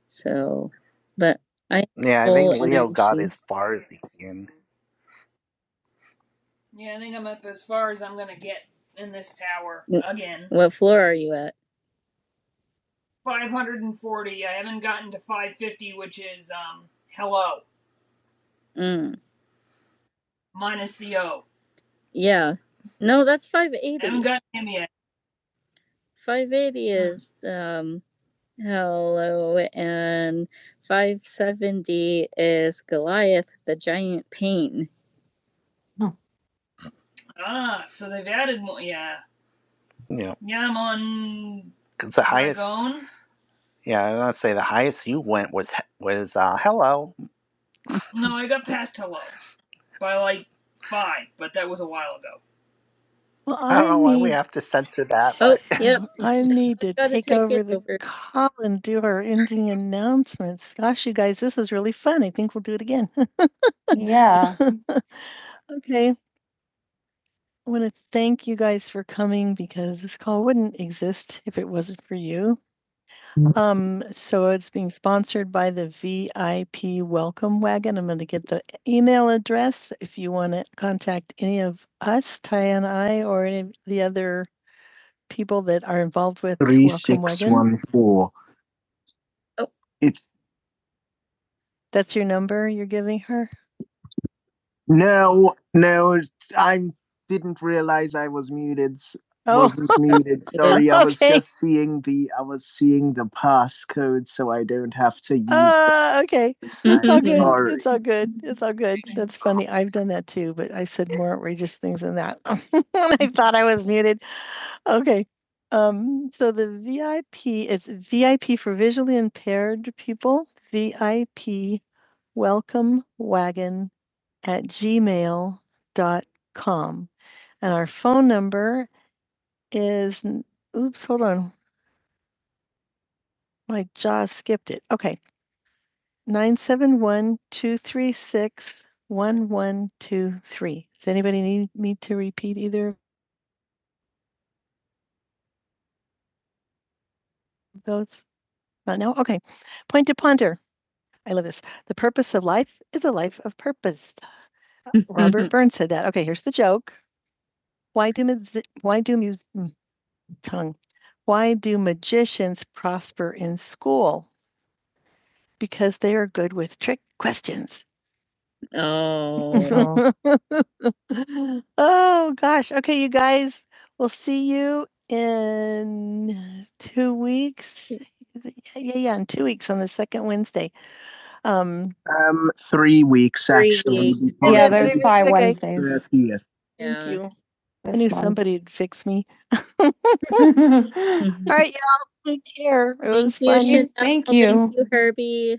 [SPEAKER 1] So, but I have
[SPEAKER 5] Yeah, I think
[SPEAKER 1] full
[SPEAKER 5] Leo got
[SPEAKER 1] energy.
[SPEAKER 5] as far as he can. Yeah, I think I'm up as far as I'm gonna get in this tower again.
[SPEAKER 1] What floor are you at?
[SPEAKER 5] 540. I haven't gotten to 550, which is um hello
[SPEAKER 1] Mm.
[SPEAKER 5] minus the O.
[SPEAKER 1] Yeah. No, that's
[SPEAKER 5] I haven't
[SPEAKER 1] 580.
[SPEAKER 5] gotten him yet.
[SPEAKER 1] 580
[SPEAKER 5] Mm.
[SPEAKER 1] is um hello and 570 is Goliath the giant pain. Oh.
[SPEAKER 5] Ah, so they've added more. Yeah, Yeah. yeah. I'm on 'cause the highest, Dragon. yeah, I going to say the highest you went was was uh, hello. No, I got past hello by like five, but that was a while ago.
[SPEAKER 1] Well,
[SPEAKER 5] I don't
[SPEAKER 1] I
[SPEAKER 5] know why we
[SPEAKER 1] need.
[SPEAKER 5] have to censor that,
[SPEAKER 1] Oh,
[SPEAKER 5] but.
[SPEAKER 1] yeah, I Sure. need to take take over the over. call and do our ending announcements. Gosh, you guys, this is really fun. I think we'll do it again. Yeah. Okay, I want to thank you guys for coming because this call wouldn't exist if it wasn't for you. Um, so it's being sponsored by the VIP Welcome Wagon. I'm gonna get the email address if you wanna contact any of us, Ty and I, or any of the other people that are involved with Welcome Wagon. Three six one four. Oh. It's That's your number you're giving her? No, no, I didn't realize I was muted. Oh, Wasn't muted. Sorry, I was Okay. just seeing the I was seeing the passcode, so I don't have to use. uh, okay. It's all good. Sorry. It's all good. It's all good. That's funny. I've done that too, but I said more outrageous things than that. I thought I was muted. Okay. Um, so the VIP is VIP for visually impaired people, VIP welcome wagon at gmail dot com, And our phone number is, oops, hold on, my jaw skipped it. Okay, 971 236 1123. Does anybody need me to repeat either of those? Not now? Okay. Point to ponder. I love this. The purpose of life is a life of purpose. Robert Burns said that. Okay, here's the joke. Why do magi- why do mus- mm, tongue? Why do magicians prosper in school? because they are good with trick questions. Oh. oh gosh. Okay, you guys. We'll see you in two weeks. Yeah, yeah, yeah, in two weeks on the second Wednesday. Um, Um, three weeks Three actually. weeks. Yeah, Yeah, there's five okay. Wednesdays. Yeah. Thank you. This I knew month. somebody would fix me. alright you All right, y'all. Take care. It was fun. Thank you, Thank you, Herbie.